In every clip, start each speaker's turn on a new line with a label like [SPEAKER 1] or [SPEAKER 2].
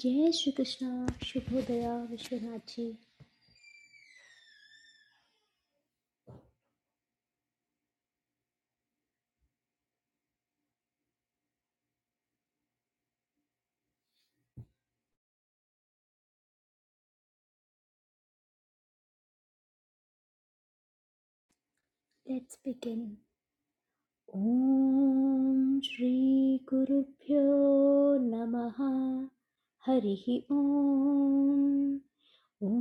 [SPEAKER 1] Jai Shri Krishna, Shubhodaya, Vishwanath ji. Let's begin. ॐ श्रीगुरुभ्यो नमः हरिः ॐ ॐ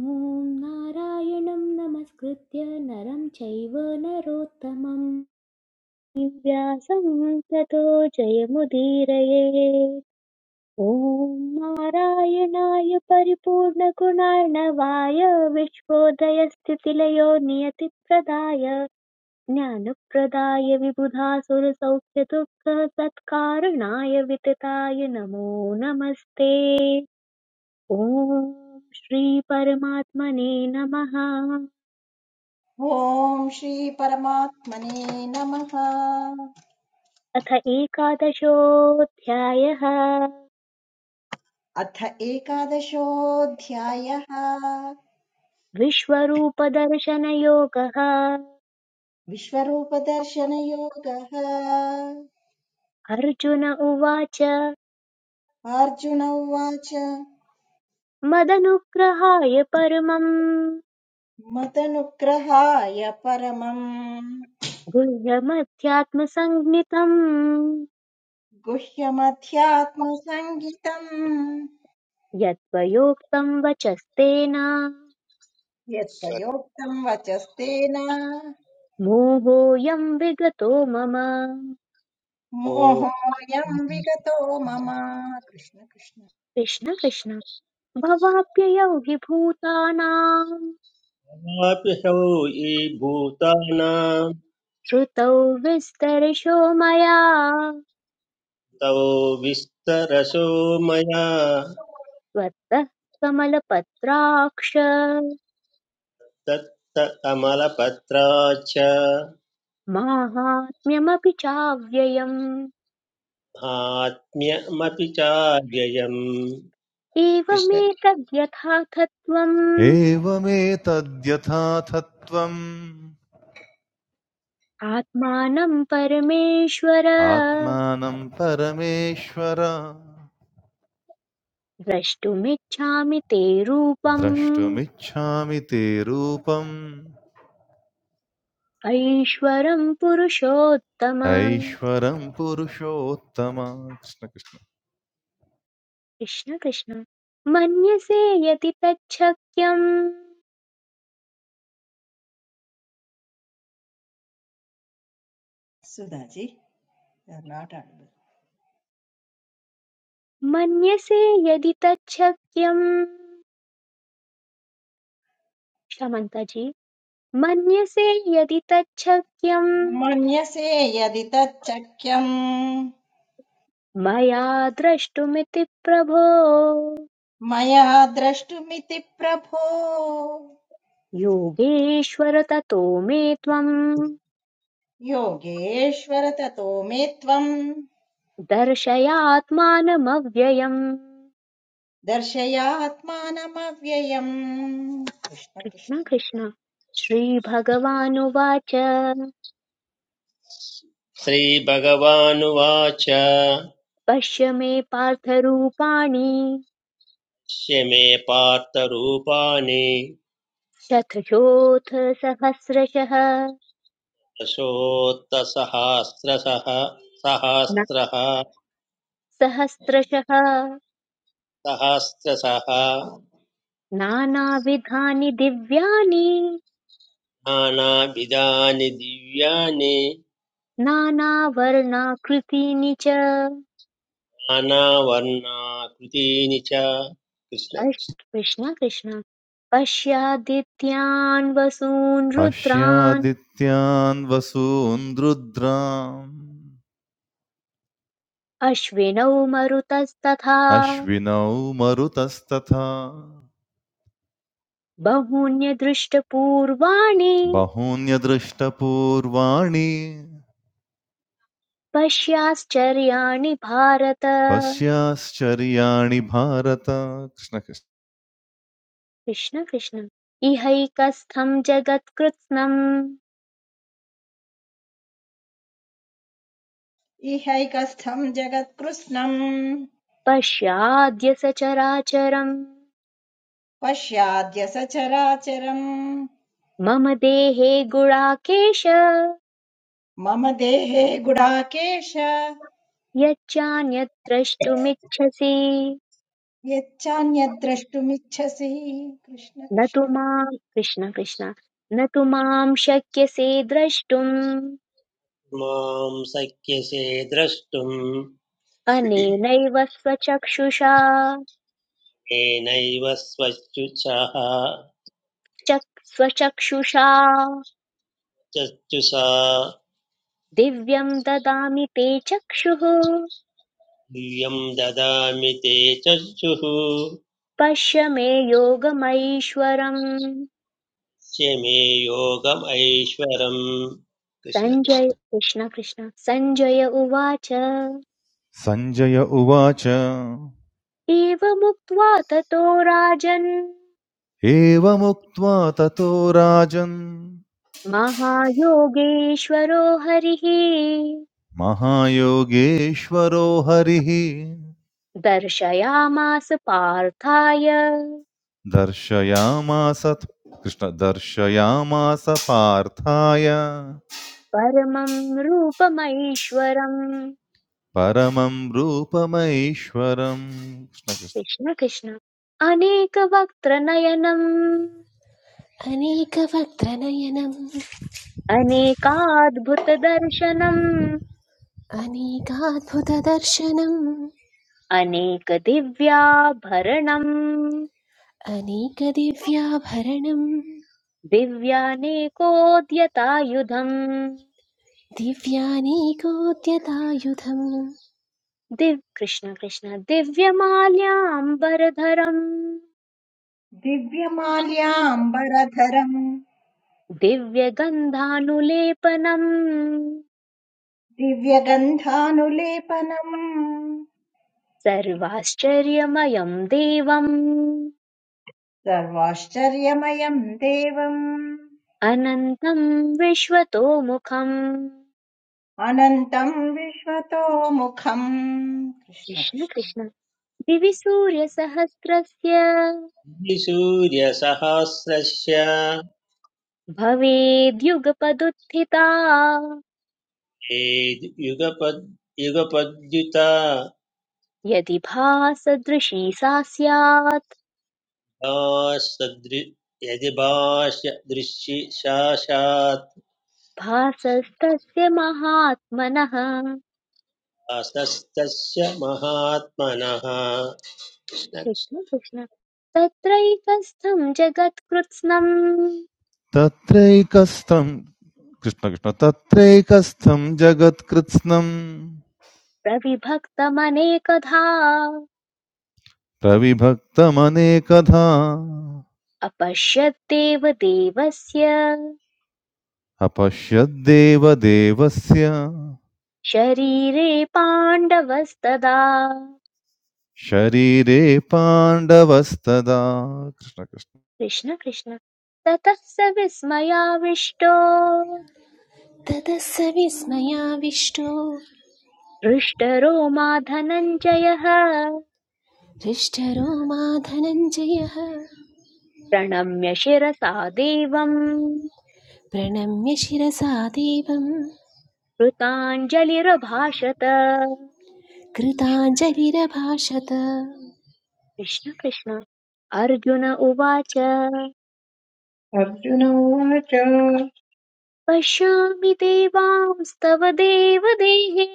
[SPEAKER 1] नारायणं नमस्कृत्य नरं चैव नरोत्तमं व्यासं ततो जयमुदीरये ॐ नारायणाय परिपूर्णगुणार्णवाय विश्वोदयस्थितिलयो नियतिप्रदाय ज्ञानप्रदाय विबुधासुरसौख्यदुःखसत्कारणाय वितताय नमो नमस्ते ॐ श्रीपरमात्मने नमः
[SPEAKER 2] ॐ श्रीपरमात्मने नमः
[SPEAKER 1] अथ एकादशोऽध्यायः
[SPEAKER 2] अथ एकादशोऽध्यायः
[SPEAKER 1] विश्वरूपदर्शनयोगः
[SPEAKER 2] विश्वरूपदर्शनयोगः
[SPEAKER 1] अर्जुन उवाच
[SPEAKER 2] अर्जुन उवाच
[SPEAKER 1] मदनुग्रहाय परमम्
[SPEAKER 2] मतनुग्रहाय परमम्
[SPEAKER 1] गुह्यमध्यात्मसञ्ज्ञितम्
[SPEAKER 2] गुह्यमध्यात्मसङ्गितम्
[SPEAKER 1] यत्त्वयोक्तम् वचस्तेन
[SPEAKER 2] यत्त्वयोक्तम् वचस्तेन
[SPEAKER 1] मोहोऽयं विगतो मम
[SPEAKER 2] मोहोऽयम्
[SPEAKER 3] सर्वोऽपि
[SPEAKER 2] विगतो मम कृष्ण कृष्ण
[SPEAKER 1] कृष्ण कृष्ण भवाप्ययौ हि भूतानां
[SPEAKER 3] सौ ये भूतानां
[SPEAKER 1] श्रुतौ विस्तरिशो मया
[SPEAKER 3] तव विस्तरशो मया
[SPEAKER 1] त्वत्तः कमलपत्राक्ष
[SPEAKER 3] दत्त कमलपत्राच्च
[SPEAKER 1] माहात्म्यमपि चाव्ययम्
[SPEAKER 3] महात्म्यमपि चाव्ययम् कृष्ण
[SPEAKER 1] एवमेतद्यथाथत्वम्
[SPEAKER 4] एवमेतद्यथाथत्वम्
[SPEAKER 1] आत्मानं परमेश्वर
[SPEAKER 4] आत्मानं परमेश्वर
[SPEAKER 1] द्रष्टुमिच्छामि ते रूपम्
[SPEAKER 4] द्रष्टुमिच्छामि ते रूपम्
[SPEAKER 1] ऐश्वरं पुरुषोत्तम
[SPEAKER 4] ऐश्वरं पुरुषोत्तम कृष्ण कृष्ण
[SPEAKER 1] कृष्ण कृष्ण मन्यसे यदि तच्छक्यं
[SPEAKER 2] सुधाजी नाट्
[SPEAKER 1] मन्यसे यदि तच्छक्यं क्षमन्ता जी मन्यसे यदि तच्छक्यं
[SPEAKER 2] मन्यसे यदि तच्चक्यम्
[SPEAKER 1] मया द्रष्टुमिति प्रभो
[SPEAKER 2] मया द्रष्टुमिति प्रभो
[SPEAKER 1] योगेश्वर ततो मे त्वम्
[SPEAKER 2] योगेश्वर ततो मे त्वम्
[SPEAKER 1] दर्शयात्मानमव्ययम्
[SPEAKER 2] दर्शयात्मानमव्ययम् कृष्ण कृष्ण
[SPEAKER 1] कृष्ण कृष्ण श्रीभगवानुवाच
[SPEAKER 3] श्रीभगवानुवाच
[SPEAKER 1] पश्य मे पार्थरूपाणि
[SPEAKER 3] स्य मे पार्थरूपाणि
[SPEAKER 1] शतशोऽथ सहस्रशः
[SPEAKER 3] दशोत्तसहस्रशः
[SPEAKER 1] न-
[SPEAKER 3] सहस्रः
[SPEAKER 1] सहस्रशः
[SPEAKER 3] सहस्रशः
[SPEAKER 1] नानाविधानि दिव्यानि
[SPEAKER 3] नानाविधानि दिव्यानि
[SPEAKER 1] नानावर्णाकृतीनि च
[SPEAKER 3] नानावर्णाकृतीनि च कृष्ण
[SPEAKER 1] अश्-
[SPEAKER 3] कृष्ण।
[SPEAKER 1] कृष्ण कृष्ण पश्यादित्यान् वसून् रुद्रान्
[SPEAKER 4] पश्यादित्यान् वसून् रुद्राम्
[SPEAKER 1] अश्विनौ मरुतस्तथा
[SPEAKER 4] अश्विनौ मरुतस्तथा
[SPEAKER 1] बहून्यदृष्टपूर्वाणि
[SPEAKER 4] बहून्यदृष्टपूर्वाणि
[SPEAKER 1] पश्याश्चर्याणि भारत
[SPEAKER 4] पश्याश्चर्याणि भारत कृष्ण कृष्ण
[SPEAKER 1] कृष्ण कृष्ण इहैकस्थं जगत्कृत्स्नम्
[SPEAKER 2] इहैकस्थम् जगत्कृत्स्नम्
[SPEAKER 1] पश्याद्य सचराचरम्
[SPEAKER 2] पश्याद्य सचराचरम्
[SPEAKER 1] मम देहे गुणाकेश
[SPEAKER 2] मम देहे गुडाकेश
[SPEAKER 1] यच्चान्यत् द्रष्टुमिच्छसि
[SPEAKER 2] यच्चान्यद्द्रष्टुमिच्छसि कृष्ण
[SPEAKER 1] न तु
[SPEAKER 2] कृष्ण
[SPEAKER 1] माम् कृष्ण कृष्ण न तु माम् शक्यसे द्रष्टुम्
[SPEAKER 3] मां शक्यसे द्रष्टुम्
[SPEAKER 1] अनेनैव स्वचक्षुषा
[SPEAKER 3] येनैव स्वचुषः
[SPEAKER 1] चक् स्वचक्षुषा
[SPEAKER 3] चक्षुषा
[SPEAKER 1] दिव्यम् ददामि ते चक्षुः
[SPEAKER 3] दिव्यं ददामि ते चक्षुः
[SPEAKER 1] पश्य मे योगमैश्वरम्
[SPEAKER 3] च मे योगमैश्वरम् कृष्ण कृष्ण।
[SPEAKER 1] सञ्जय कृष्ण कृष्ण सञ्जय उवाच
[SPEAKER 4] सञ्जय उवाच
[SPEAKER 1] एवमुक्त्वा ततो राजन्
[SPEAKER 4] एवमुक्त्वा ततो राजन्
[SPEAKER 1] महायोगेश्वरो हरिः
[SPEAKER 4] महायोगेश्वरो हरिः
[SPEAKER 1] दर्शयामास पार्थाय
[SPEAKER 4] दर्शयामास कृष्ण दर्शयामास पार्थाय
[SPEAKER 1] परमं रूपमैश्वरम्
[SPEAKER 4] परमं रूपमैश्वरम् कृष्ण कृष्ण।
[SPEAKER 1] कृष्ण कृष्ण अनेकवक्त्रनयनम्
[SPEAKER 5] अनेकवक्त्रनयनम्
[SPEAKER 1] अनेकाद्भुतदर्शनम्
[SPEAKER 5] अनेकाद्भुतदर्शनम्
[SPEAKER 1] अनेकदिव्याभरणम्
[SPEAKER 5] अनेकदिव्याभरणम्
[SPEAKER 1] दिव्यानेकोद्यतायुधम्
[SPEAKER 5] दिव्यानेकोद्यतायुधम्
[SPEAKER 1] दिव् कृष्ण कृष्ण दिव्यमाल्याम्बरधरम्
[SPEAKER 2] दिव्यमाल्याम्बरधरम्
[SPEAKER 1] दिव्यगन्धानुलेपनम्
[SPEAKER 2] दिव्यगन्धानुलेपनम्
[SPEAKER 1] सर्वाश्चर्यमयम् देवम्
[SPEAKER 2] सर्वाश्चर्यमयम् देवम्
[SPEAKER 1] अनन्तम् विश्वतोमुखम्
[SPEAKER 2] अनन्तम् विश्वतोमुखम् कृष्ण
[SPEAKER 1] कृष्ण
[SPEAKER 2] कृष्ण
[SPEAKER 1] कृष्ण दिवि सूर्यसहस्रस्य
[SPEAKER 3] सूर्यसहस्रस्य
[SPEAKER 1] भवेद्युगपदुत्थिता
[SPEAKER 3] ये युगपद् युगपद्युता
[SPEAKER 1] यदि भासदृशी सा स्यात्
[SPEAKER 3] भासदृ यदिभाष दृश्य शाशात्
[SPEAKER 1] भासस्तस्य महात्मनः कृष्ण
[SPEAKER 3] भासस्तस्य महात्मनः
[SPEAKER 1] कृष्ण तत्रैकस्थं जगत्कृत्स्नम्
[SPEAKER 4] तत्रैकस्थं कृष्ण कृष्ण तत्रैकस्थं जगत्कृत्स्नं
[SPEAKER 1] प्रविभक्तमनेकधा
[SPEAKER 4] प्रविभक्तमनेकधा
[SPEAKER 1] अपश्यद्देव देवस्य
[SPEAKER 4] अपश्यद्देवदेवस्य
[SPEAKER 1] शरीरे पाण्डवस्तदा
[SPEAKER 4] शरीरे पाण्डवस्तदा कृष्ण कृष्ण
[SPEAKER 1] कृष्ण कृष्ण ततः स विस्मयाविष्टो
[SPEAKER 5] ततः स विस्मयाविष्टो
[SPEAKER 1] हृष्टरो मा धनञ्जयः
[SPEAKER 5] हृष्टरो मा धनञ्जयः
[SPEAKER 1] प्रणम्य शिरसा देवम्
[SPEAKER 5] प्रणम्य शिरसा देवम्
[SPEAKER 1] कृताञ्जलिरभाषत
[SPEAKER 5] कृताञ्जलिरभाषत
[SPEAKER 1] कृष्ण कृष्ण अर्जुन उवाच
[SPEAKER 6] अर्जुन उवाच
[SPEAKER 1] पश्यामि देवांस्तव देवदेहे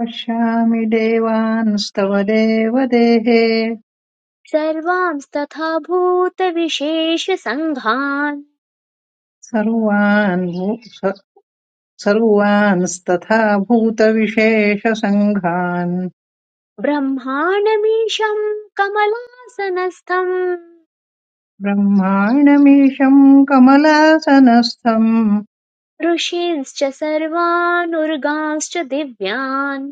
[SPEAKER 6] पश्यामि देवांस्तव देवदेहे
[SPEAKER 1] सर्वांस्तथा भूतविशेषसङ्घान्
[SPEAKER 6] सर्वान् भू- स- सर्वांस्तथा भूतविशेषसङ्घान्
[SPEAKER 1] ब्रह्माणमीशं कमलासनस्थम्
[SPEAKER 6] ब्रह्माणमीशम् कमलासनस्थम्
[SPEAKER 1] ऋषींश्च सर्वानुर्गांश्च दिव्यान्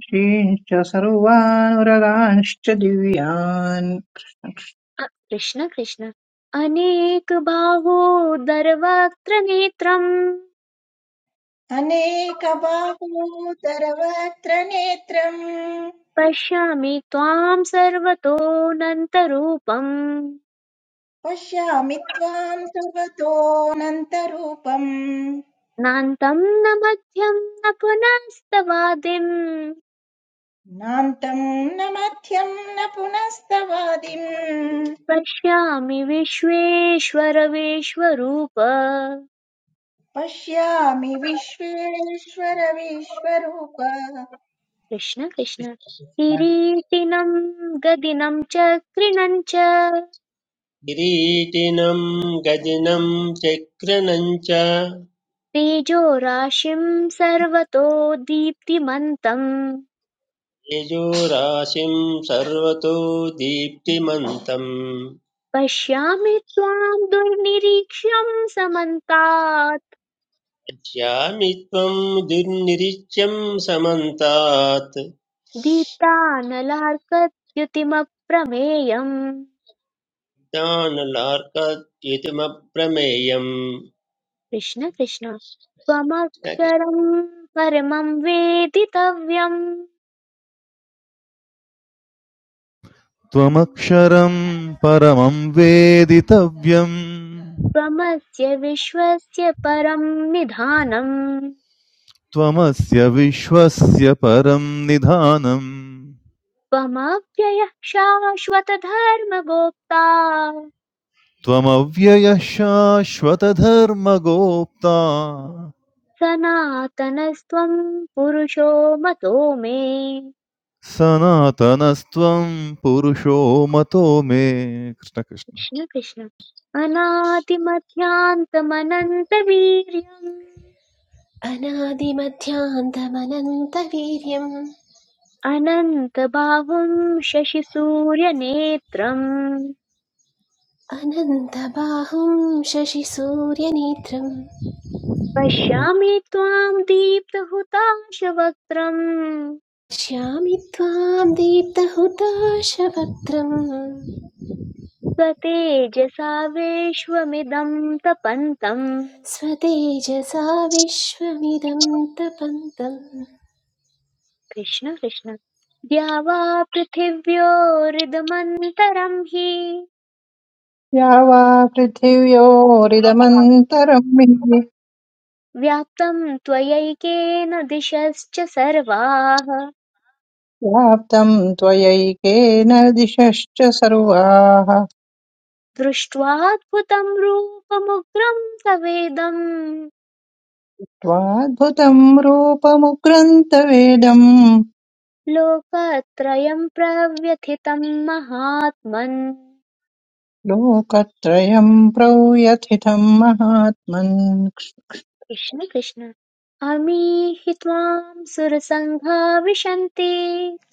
[SPEAKER 6] ऋषींश्च सर्वानुरगांश्च दिव्यान्
[SPEAKER 1] अ- कृष्ण कृष्ण अनेकबाहोदरवक्त्र नेत्रम्
[SPEAKER 2] अनेकबाहोदरवक्त्रनेत्रम्
[SPEAKER 1] पश्यामि त्वाम् सर्वतोऽनन्तरूपम्
[SPEAKER 2] पश्यामि त्वाम् सर्वतोऽनन्तरूपम्
[SPEAKER 1] नान्तम् न मध्यम् न पुनस्तवादिम्
[SPEAKER 2] नान्तम् न मध्यम् न पुनस्तवादिम्
[SPEAKER 1] पश्यामि विश्वेश्वर विश्वरूप
[SPEAKER 2] पश्यामि विश्वेश्वर विश्वरूप
[SPEAKER 1] कृष्ण कृष्ण किरीटिनम् गदिनं च कृणम् च
[SPEAKER 3] किरीटिनं गदिनं चक्रणं च
[SPEAKER 1] तेजोराशिं सर्वतो दीप्तिमन्तम्
[SPEAKER 3] यजोराशिं सर्वतो दीप्तिमन्तम्
[SPEAKER 1] पश्यामि त्वां दुर्निरीक्ष्यं समन्तात्
[SPEAKER 3] पश्यामि त्वं दुर्निरीच्यं समन्तात्
[SPEAKER 1] दीप्तानलार्कद्युतिमप्रमेयम्
[SPEAKER 3] ज्ञानलार्कद्युतिमप्रमेयम्
[SPEAKER 1] कृष्ण कृष्ण त्वमक्षरं परमं वेदितव्यं
[SPEAKER 4] त्वमक्षरं परमं वेदितव्यं
[SPEAKER 1] त्वमस्य विश्वस्य परं निधानम्
[SPEAKER 4] त्वमस्य विश्वस्य परं निधानम्
[SPEAKER 1] त्वमव्ययः शाश्वतधर्मगोप्ता
[SPEAKER 4] त्वमव्ययः शाश्वतधर्मगोप्ता
[SPEAKER 1] सनातनस्त्वं पुरुषो मतो मे
[SPEAKER 4] सनातनस्त्वं पुरुषो मतो मे कृष्ण कृष्ण
[SPEAKER 1] कृष्ण कृष्ण अनादिमध्यान्तमनन्तवीर्यम्
[SPEAKER 5] अनादिमध्यान्तमनन्तवीर्यम्
[SPEAKER 1] अनन्तबाहुं शशिसूर्यनेत्रम्
[SPEAKER 5] अनन्तबाहुं शशिसूर्यनेत्रम्
[SPEAKER 1] पश्यामि त्वां दीप्तहुताशवक्त्रम्
[SPEAKER 5] पश्यामि त्वां दीप्तहुताशवक्त्रं
[SPEAKER 1] स्वतेजसा विश्वमिदं तपन्तम्
[SPEAKER 5] स्वतेजसा विश्वमिदं तपन्तं
[SPEAKER 1] कृष्ण कृष्ण द्या वा पृथिव्योरिदमन्तरं हि
[SPEAKER 6] या वा पृथिव्योरिदमन्तरम् हि
[SPEAKER 1] व्याप्तं त्वयैकेन दिशश्च सर्वाः
[SPEAKER 6] व्याप्तम् त्वयैकेन दिशश्च सर्वाः
[SPEAKER 1] दृष्ट्वाद्भुतं रूपमुग्रं तवेदं
[SPEAKER 6] त्वाद्भुतं रूपमुग्रन्थवेदं
[SPEAKER 1] लोकत्रयं प्रव्यथितं महात्मन्
[SPEAKER 6] लोकत्रयं प्रव्यथितं महात्मन्
[SPEAKER 1] कृष्ण कृष्ण अमीहि त्वां सुरसङ्घा विशन्ति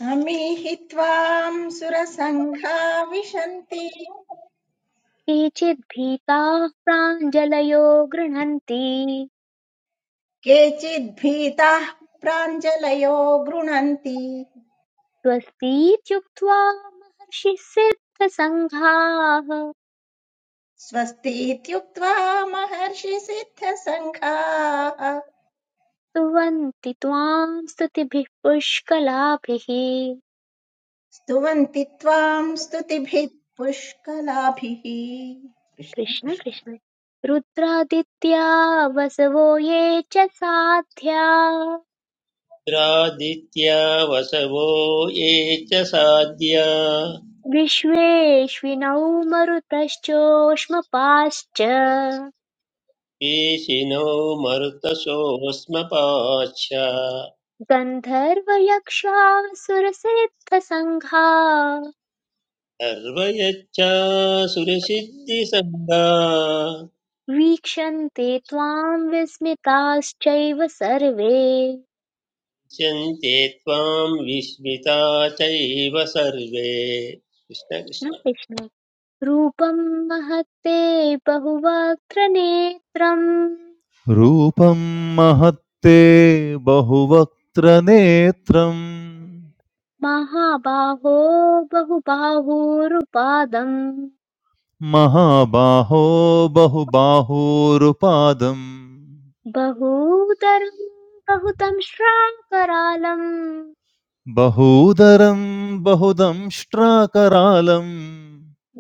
[SPEAKER 2] अमीहि त्वाम् सुरसङ्घा विशन्ति
[SPEAKER 1] केचिद्भीताः प्राञ्जलयो गृह्णन्ति
[SPEAKER 2] केचिद्भीताः प्राञ्जलयो गृणन्ति
[SPEAKER 1] स्वस्तीत्युक्त्वा महर्षिसिद्धसङ्घाः
[SPEAKER 2] स्वस्तीत्युक्त्वा महर्षिसिद्धसङ्घाः
[SPEAKER 1] स्तुवन्ति त्वां स्तुतिभिः पुष्कलाभिः
[SPEAKER 2] स्तुवन्ति त्वाम् स्तुतिभिः पुष्कलाभिः कृष्ण
[SPEAKER 1] कृष्ण
[SPEAKER 2] कृष्ण
[SPEAKER 1] कृष्ण रुद्रादित्या वसवो ये च साध्या
[SPEAKER 3] इन्द्रादित्या वसवो ये च साध्या
[SPEAKER 1] विश्वेश्विनौ मरुतश्चोष्मपाश्च
[SPEAKER 3] पेशिनो मरुतशोऽस्मपाच्छा
[SPEAKER 1] गन्धर्वयक्षासुरसिद्धसङ्घा
[SPEAKER 3] सर्वयच्छा सुरसिद्धिसङ्गा
[SPEAKER 1] वीक्षन्ते त्वां विस्मिताश्चैव सर्वे
[SPEAKER 3] पश्यन्ते त्वां विस्मिता चैव सर्वे
[SPEAKER 1] कृष्ण
[SPEAKER 3] कृष्णकृष्ण
[SPEAKER 1] कृष्ण रूपं महत्ते बहुवक्त्रनेत्रम्
[SPEAKER 4] रूपं महत्ते बहुवक्त्रनेत्रं
[SPEAKER 1] महाबाहो बहुबाहूरुपादम्
[SPEAKER 4] महाबाहो बहुबाहोरुपादं
[SPEAKER 1] बहूतरम् बहुतं श्राकरालम्
[SPEAKER 4] बहूदरं बहुदंष्ट्राकरालं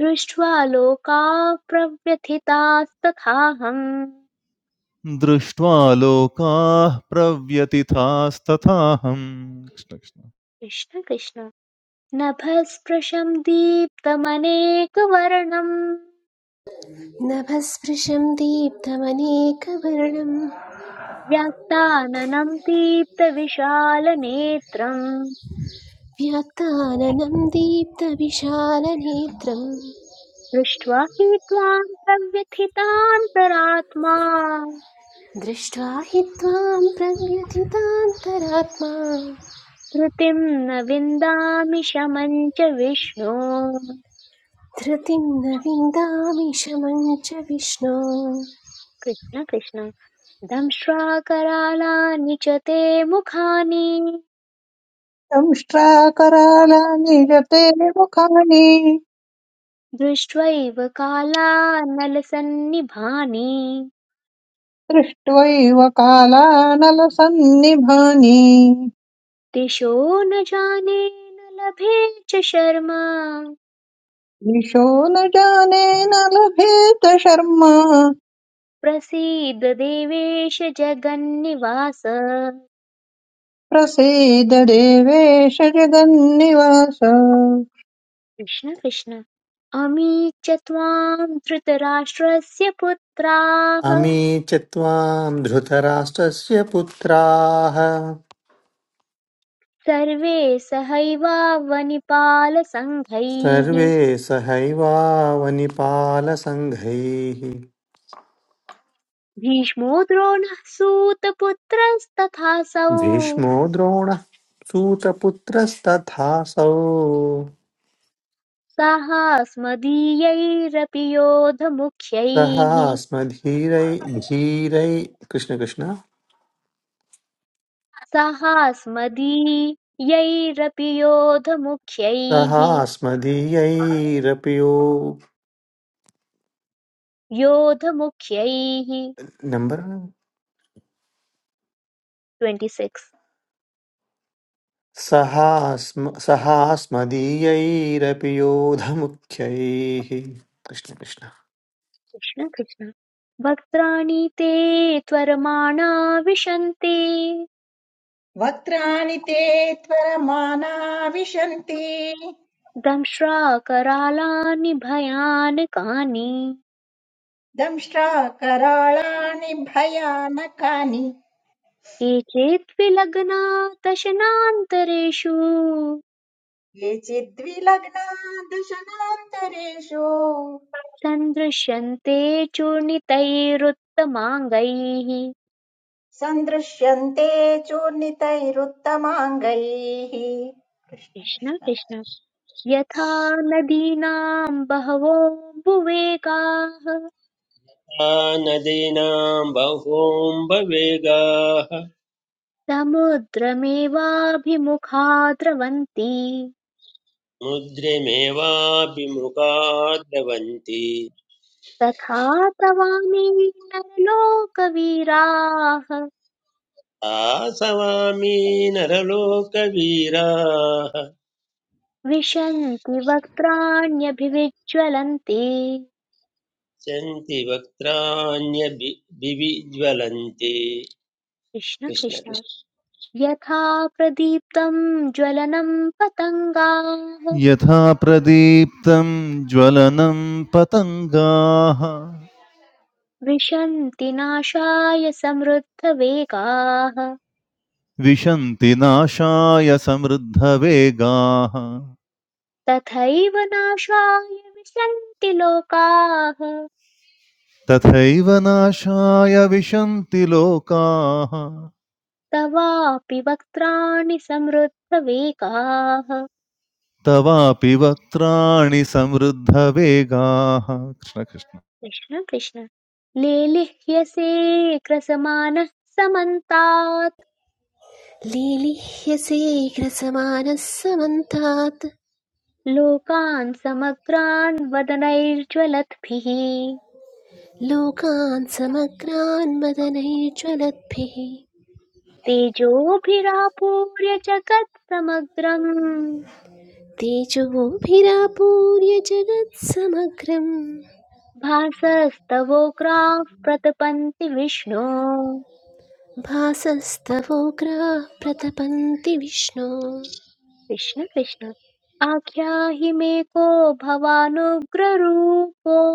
[SPEAKER 1] दृष्ट्वा लोकाः प्रव्यथितास्तथाहम्
[SPEAKER 4] दृष्ट्वा लोकाः प्रव्यतिथास्तथाहम् कृष्ण, कृष्ण।
[SPEAKER 1] कृष्ण कृष्ण नभःस्पृशम् दीप्तमनेकवर्णम्
[SPEAKER 5] नभस्पृशं दीप्तमनेकवर्णं
[SPEAKER 1] व्याक्ताननम् दीप्तविशालनेत्रम्
[SPEAKER 5] व्यात्ताननं दीप्तविशालनेत्रं
[SPEAKER 1] दृष्ट्वा हि त्वां प्रव्यथितान्तरात्मा
[SPEAKER 5] दृष्ट्वा हि त्वां प्रव्यथितान्तरात्मा
[SPEAKER 1] धृतिं न विन्दामि शमं च विष्णो
[SPEAKER 5] धृतिं न विन्दामि शमं च विष्णो
[SPEAKER 1] कृष्ण कृष्ण दंष्ट्वा करालानि च ते मुखानि
[SPEAKER 6] संष्ट्राकरालानि जते मुखानि
[SPEAKER 1] दृष्ट्वैव कालानलसन्निभानि
[SPEAKER 6] दृष्ट्वैव कालानलसन्निभानि
[SPEAKER 1] दिशो न जाने न लभे च शर्मा
[SPEAKER 6] दिशो न जाने न लभेत शर्मा
[SPEAKER 1] प्रसीद देवेश जगन्निवास
[SPEAKER 6] प्रसीद देवेश जगन्निवास
[SPEAKER 1] कृष्ण कृष्ण अमी च त्वां धृतराष्ट्रस्य पुत्राः
[SPEAKER 7] अमी च त्वाम् धृतराष्ट्रस्य पुत्राः
[SPEAKER 1] सर्वे सहैवावनिपालसङ्घैः
[SPEAKER 7] सर्वे सहैवावनिपालसङ्घैः
[SPEAKER 1] भीष्मो द्रोणः सूतपुत्रस्तथासौ
[SPEAKER 7] भीष्मो द्रोणः सूतपुत्रस्तथासौ
[SPEAKER 1] साहास्मदीयैरपि योधमुख्यैः
[SPEAKER 7] सहास्मधीरै धीरै कृष्ण कृष्ण
[SPEAKER 1] साहास्मदीयैरपि योधमुख्यैः
[SPEAKER 7] सहास्मदीयैरपि यो
[SPEAKER 1] योधमुख्यैः
[SPEAKER 7] नम्बर
[SPEAKER 1] ट्वेण्टि सिक्स्।
[SPEAKER 7] सहास्म सहास्मदीयैरपि योधमुख्यैः कृष्णकृष्ण
[SPEAKER 1] कृष्ण कृष्ण वक्त्राणि ते त्वरमाणा विशन्ति
[SPEAKER 2] वक्त्राणि ते त्वरमाना विशन्ति
[SPEAKER 1] दंश्राकरालानि भयानकानि
[SPEAKER 2] दंष्ट्रा कराळानि भयानकानि
[SPEAKER 1] केचित् विलग्ना दशनान्तरेषु
[SPEAKER 2] ये चिद्विलग्ना दशनान्तरेषु
[SPEAKER 1] सन्दृश्यन्ते चूर्णितैरुत्तमाङ्गैः
[SPEAKER 2] सन्दृश्यन्ते चूर्णितैरुत्तमाङ्गैः कृष्ण
[SPEAKER 1] कृष्ण
[SPEAKER 2] कृष्ण
[SPEAKER 1] कृष्ण यथा नदीनां बहवोऽम्बुवेगाः
[SPEAKER 3] आ नदीनां बहूम्बवेगाः
[SPEAKER 1] समुद्रमेवाभिमुखा द्रवन्ति
[SPEAKER 3] मुद्रमेवाभिमुखा द्रवन्ति
[SPEAKER 1] तथा ब्रवामि नरलोकवीराः
[SPEAKER 3] आसवामी नरलोकवीराः
[SPEAKER 1] विशन्ति वक्त्राण्यभिविज्ज्वलन्ति
[SPEAKER 3] सन्ति वक्त्राण्यभिज्वलन्ति
[SPEAKER 1] कृष्ण
[SPEAKER 3] कृष्ण
[SPEAKER 1] कृष्ण
[SPEAKER 3] कृष्ण
[SPEAKER 1] यथा प्रदीप्तं ज्वलनं पतङ्गाः
[SPEAKER 4] यथा प्रदीप्तं ज्वलनं पतङ्गाः
[SPEAKER 1] विशन्ति नाशाय समृद्धवेगाः
[SPEAKER 4] विशन्ति नाशाय समृद्धवेगाः
[SPEAKER 1] तथैव नाशाय विशन्ति लोकाः
[SPEAKER 4] तथैव नाशाय विशन्ति लोकाः
[SPEAKER 1] तवापि वक्त्राणि समृद्धवेगाः
[SPEAKER 4] तवापि वक्त्राणि समृद्धवेगाः कृष्णकृष्ण
[SPEAKER 1] कृष्ण कृष्ण लेलिह्यसे ग्रसमानः समन्तात्
[SPEAKER 5] लीलिह्यसे ग्रसमानः समन्तात्
[SPEAKER 1] लोकान् समग्रान् वदनैर्ज्वलद्भिः
[SPEAKER 5] लोकान् समग्रान् मदनैज्ज्वलद्भिः
[SPEAKER 1] तेजोभिरापूर्य जगत् समग्रम्
[SPEAKER 5] तेजोभिरापूर्य जगत्समग्रं
[SPEAKER 1] भासस्तवोग्राः प्रतपन्ति विष्णो
[SPEAKER 5] भासस्तवोग्राः प्रतपन्ति विष्णो
[SPEAKER 1] कृष्ण कृष्ण आख्याहि मे को भवानुग्ररूपो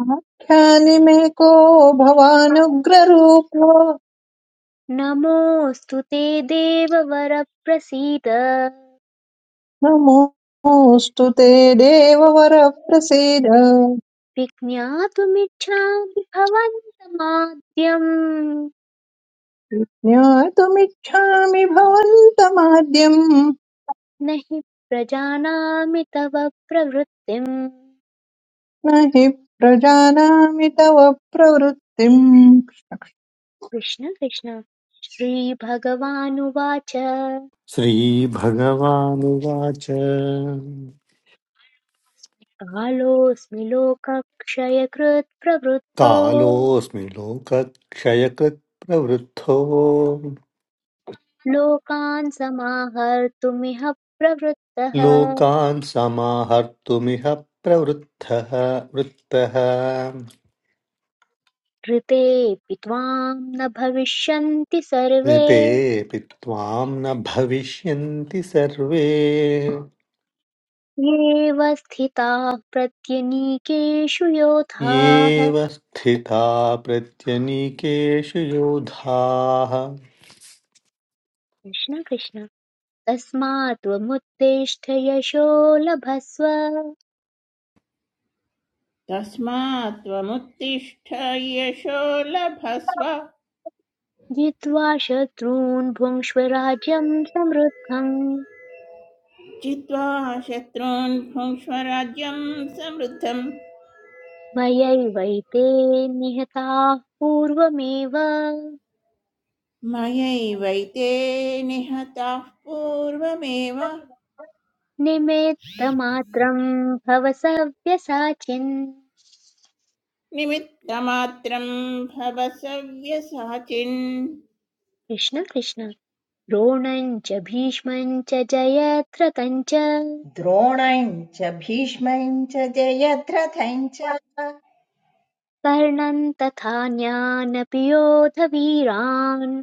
[SPEAKER 6] आख्यानि मे को भवानुग्ररूप
[SPEAKER 1] नमोऽस्तु ते देववर प्रसीद
[SPEAKER 6] नमोऽस्तु ते देववर प्रसीद
[SPEAKER 1] विज्ञातुमिच्छामि भवन्तमाद्यम्
[SPEAKER 6] ज्ञातुमिच्छामि भवन्तमाद्यम्
[SPEAKER 1] न हि प्रजानामि तव प्रवृत्तिम्
[SPEAKER 6] न हि प्रजानामि तव प्रवृत्तिम्
[SPEAKER 1] कृष्ण कृष्ण श्रीभगवानुवाच
[SPEAKER 7] श्रीभगवानुवाच
[SPEAKER 1] कालोऽस्मि लोकक्षयकृत् प्रवृद्धो
[SPEAKER 7] कालोऽस्मि लोकक्षयकृत् प्रवृद्धो
[SPEAKER 1] लोकान् समाहर्तुमिह प्रवृत्तः
[SPEAKER 7] लोकान् समाहर्तुमिह प्रवृद्धः वृत्तः
[SPEAKER 1] ऋतेऽपि त्वां न भविष्यन्ति सर्वे
[SPEAKER 7] ऋतेऽपि त्वां न भविष्यन्ति सर्वे
[SPEAKER 1] येऽव स्थिताः प्रत्यनीकेषु योधाः
[SPEAKER 7] येव स्थिता प्रत्यनीकेषु योधाः
[SPEAKER 1] कृष्ण कृष्ण तस्मात्त्वमुत्तिष्ठ यशो लभस्व
[SPEAKER 8] तस्मात् त्वमुत्तिष्ठ यशो लभस्व
[SPEAKER 1] जित्वा शत्रून् भुङ्क्ष्व राज्यं समृद्धम्
[SPEAKER 8] चित्वा शत्रून् भुङ्क्ष्व राज्यं समृद्धम्
[SPEAKER 1] मयैवैते निहताः पूर्वमेव
[SPEAKER 8] मयैवैते निहताः पूर्वमेव
[SPEAKER 1] निमित्तमात्रं भव सव्यसाचिन्
[SPEAKER 8] निमित्तमात्रं भव सव्यसाचिन्
[SPEAKER 1] कृष्ण कृष्ण द्रोणं च भीष्मं च जयद्रथं च
[SPEAKER 2] द्रोणम् च भीष्मम् च जयद्रथम् च
[SPEAKER 1] कर्णं तथान्यानपि योधवीरान्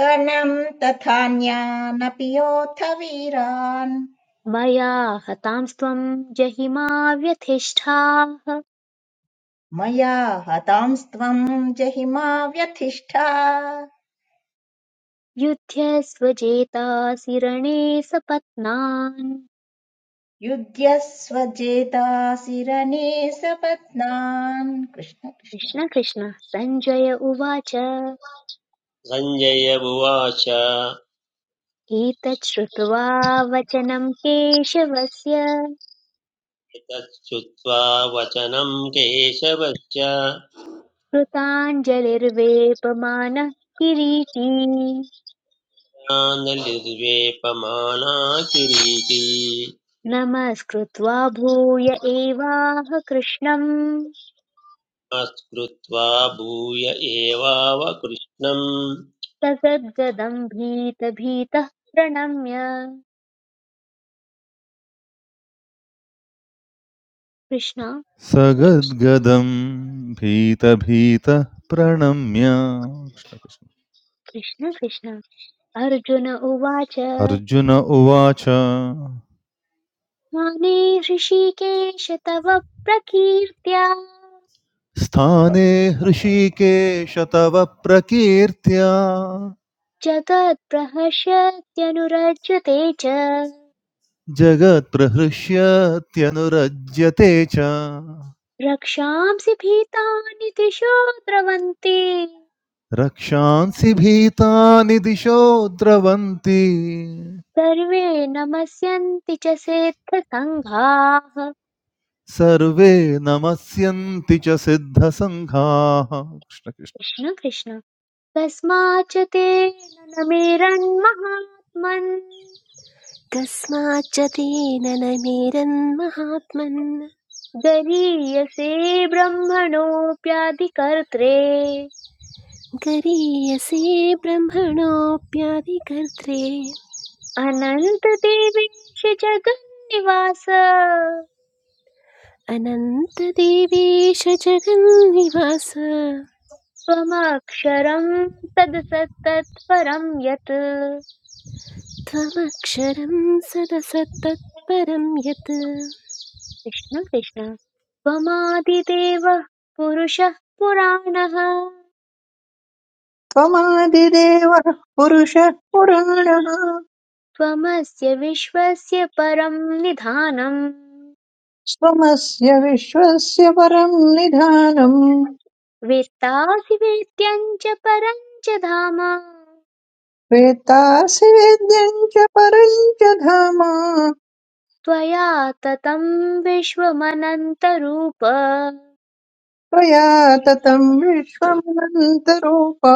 [SPEAKER 2] कर्णम् तथान्यानपि योऽथ वीरान्
[SPEAKER 1] मया हतांस्त्वं जहिमा व्यधिष्ठाः
[SPEAKER 2] मया हतांस्त्वम् जहिमा व्यथिष्ठा
[SPEAKER 1] युध्यस्व जेतासि रणे सपत्नान्
[SPEAKER 2] युध्यस्व जेतासि रणे सपत्नान् कृष्ण कृष्ण
[SPEAKER 1] कृष्ण कृष्ण सञ्जय उवाच
[SPEAKER 3] सञ्जय उवाच
[SPEAKER 1] एतत् श्रुत्वा वचनं केशवस्य
[SPEAKER 3] एतत् श्रुत्वा वचनं केशवश्च
[SPEAKER 1] कृताञ्जलिर्वेपमानः किरीटी
[SPEAKER 3] निर्वेपमाना किरीटी
[SPEAKER 1] नमस्कृत्वा भूय एवाह कृष्णम्
[SPEAKER 3] कृत्वा भूय एवावकृष्णम्
[SPEAKER 1] ससद्गदम् भीतभीतः प्रणम्य कृष्ण
[SPEAKER 3] कृष्ण कृष्ण
[SPEAKER 4] सगद्गदं भीतभीतः प्रणम्य कृष्णकृष्ण
[SPEAKER 1] कृष्ण कृष्ण अर्जुन उवाच
[SPEAKER 4] अर्जुन उवाच
[SPEAKER 1] माने हृषीकेश तव प्रकीर्त्या
[SPEAKER 4] स्थाने हृषीकेश तव प्रकीर्त्या
[SPEAKER 1] जगत्प्रहस्यत्यनुरज्यते च
[SPEAKER 4] जगत्प्रहृष्यत्यनुरज्यते च
[SPEAKER 1] रक्षांसि भीतानि दिशो द्रवन्ति
[SPEAKER 4] रक्षांसि भीतानि दिशो द्रवन्ति
[SPEAKER 1] सर्वे नमस्यन्ति च सेत्थसङ्घाः
[SPEAKER 4] सर्वे नमस्यन्ति च सिद्धसङ्घाः कृष्णकृष्ण
[SPEAKER 1] कृष्ण कृष्ण कस्माच्च तेन न मेरन्महात्मन्
[SPEAKER 5] कस्माच्च तेन न मेरन्महात्मन्
[SPEAKER 1] गरीयसे ब्रह्मणोऽप्यादिकर्त्रे
[SPEAKER 5] गरीयसे ब्रह्मणोऽप्यादिकर्त्रे
[SPEAKER 1] अनन्तदेवेश जगन्निवास
[SPEAKER 5] अनन्तदेवेश जगन्निवास
[SPEAKER 1] त्वमक्षरम् तदसत्तत्परम् यत्
[SPEAKER 5] त्वमक्षरं सदसत्तत्परं यत्
[SPEAKER 1] कृष्ण कृष्ण त्वमादिदेवः पुरुषः पुराणः
[SPEAKER 6] त्वमादिदेवः पुरुषः पुराणः
[SPEAKER 1] त्वमस्य विश्वस्य परम् निधानम्
[SPEAKER 6] स्वमस्य विश्वस्य परम् निधानम्
[SPEAKER 1] वेत्तासि वेद्यं च परं च धाम
[SPEAKER 6] वेत्तासि वेद्यम् च परम् च धाम
[SPEAKER 1] त्वया ततं विश्वमनन्तरूप
[SPEAKER 6] त्वया ततम् विश्वमनन्तरूपा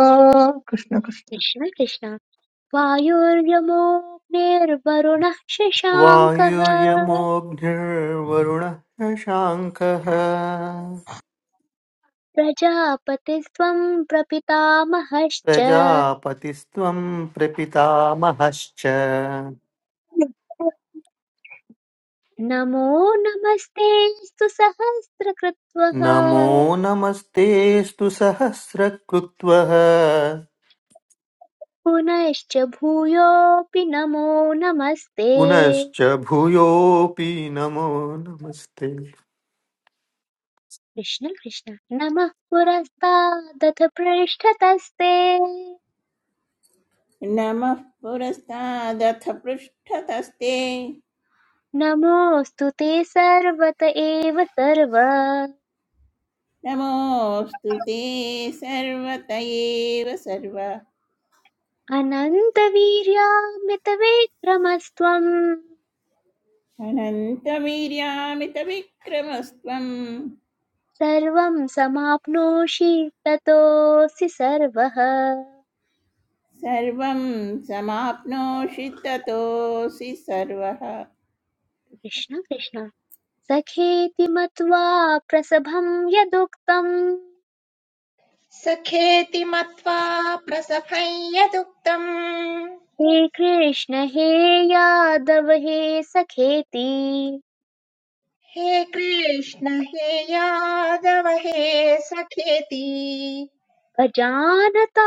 [SPEAKER 6] कृष्ण कृष्ण
[SPEAKER 1] कृष्ण कृष्ण वायुर्यमोऽग्निर्वरुणः शशाङ्कः
[SPEAKER 7] वायुर्यमोऽग्निर्वरुणः शशाङ्कः
[SPEAKER 1] प्रजापतिस्त्वं प्रपितामहश्च
[SPEAKER 7] प्रजापतिस्त्वं प्रपितामहश्च
[SPEAKER 1] नमो नमस्तेऽस्तु सहस्रकृत्वः
[SPEAKER 7] नमो नमस्ते स्तु सहस्रकृत्वः
[SPEAKER 1] पुनश्च भूयोऽपि नमो नमस्ते
[SPEAKER 7] पुनश्च भूयोऽपि नमो नमस्ते
[SPEAKER 1] कृष्ण कृष्ण नमः पुरस्तादथ पृष्ठतस्ते
[SPEAKER 8] नमः पुरस्तादथ पृष्ठतस्ते
[SPEAKER 1] नमोऽस्तु ते सर्वत एव सर्व
[SPEAKER 8] नमोऽस्तु ते सर्वत एव सर्व
[SPEAKER 1] अनन्तवीर्यामितविक्रमस्त्वम्
[SPEAKER 8] अनन्तवीर्यामितविक्रमस्त्वं
[SPEAKER 1] सर्वं समाप्नोषि ततोऽसि सर्वः
[SPEAKER 8] सर्वं समाप्नोषि ततोऽसि सर्वः
[SPEAKER 1] कृष्ण कृष्ण सखेति मत्वा प्रसभं यदुक्तं
[SPEAKER 2] सखेति मत्वा प्रसभं यदुक्तम्
[SPEAKER 1] हे कृष्ण हे यादव हे सखेति
[SPEAKER 2] हे कृष्ण हे यादव हे सखेति
[SPEAKER 1] अजानता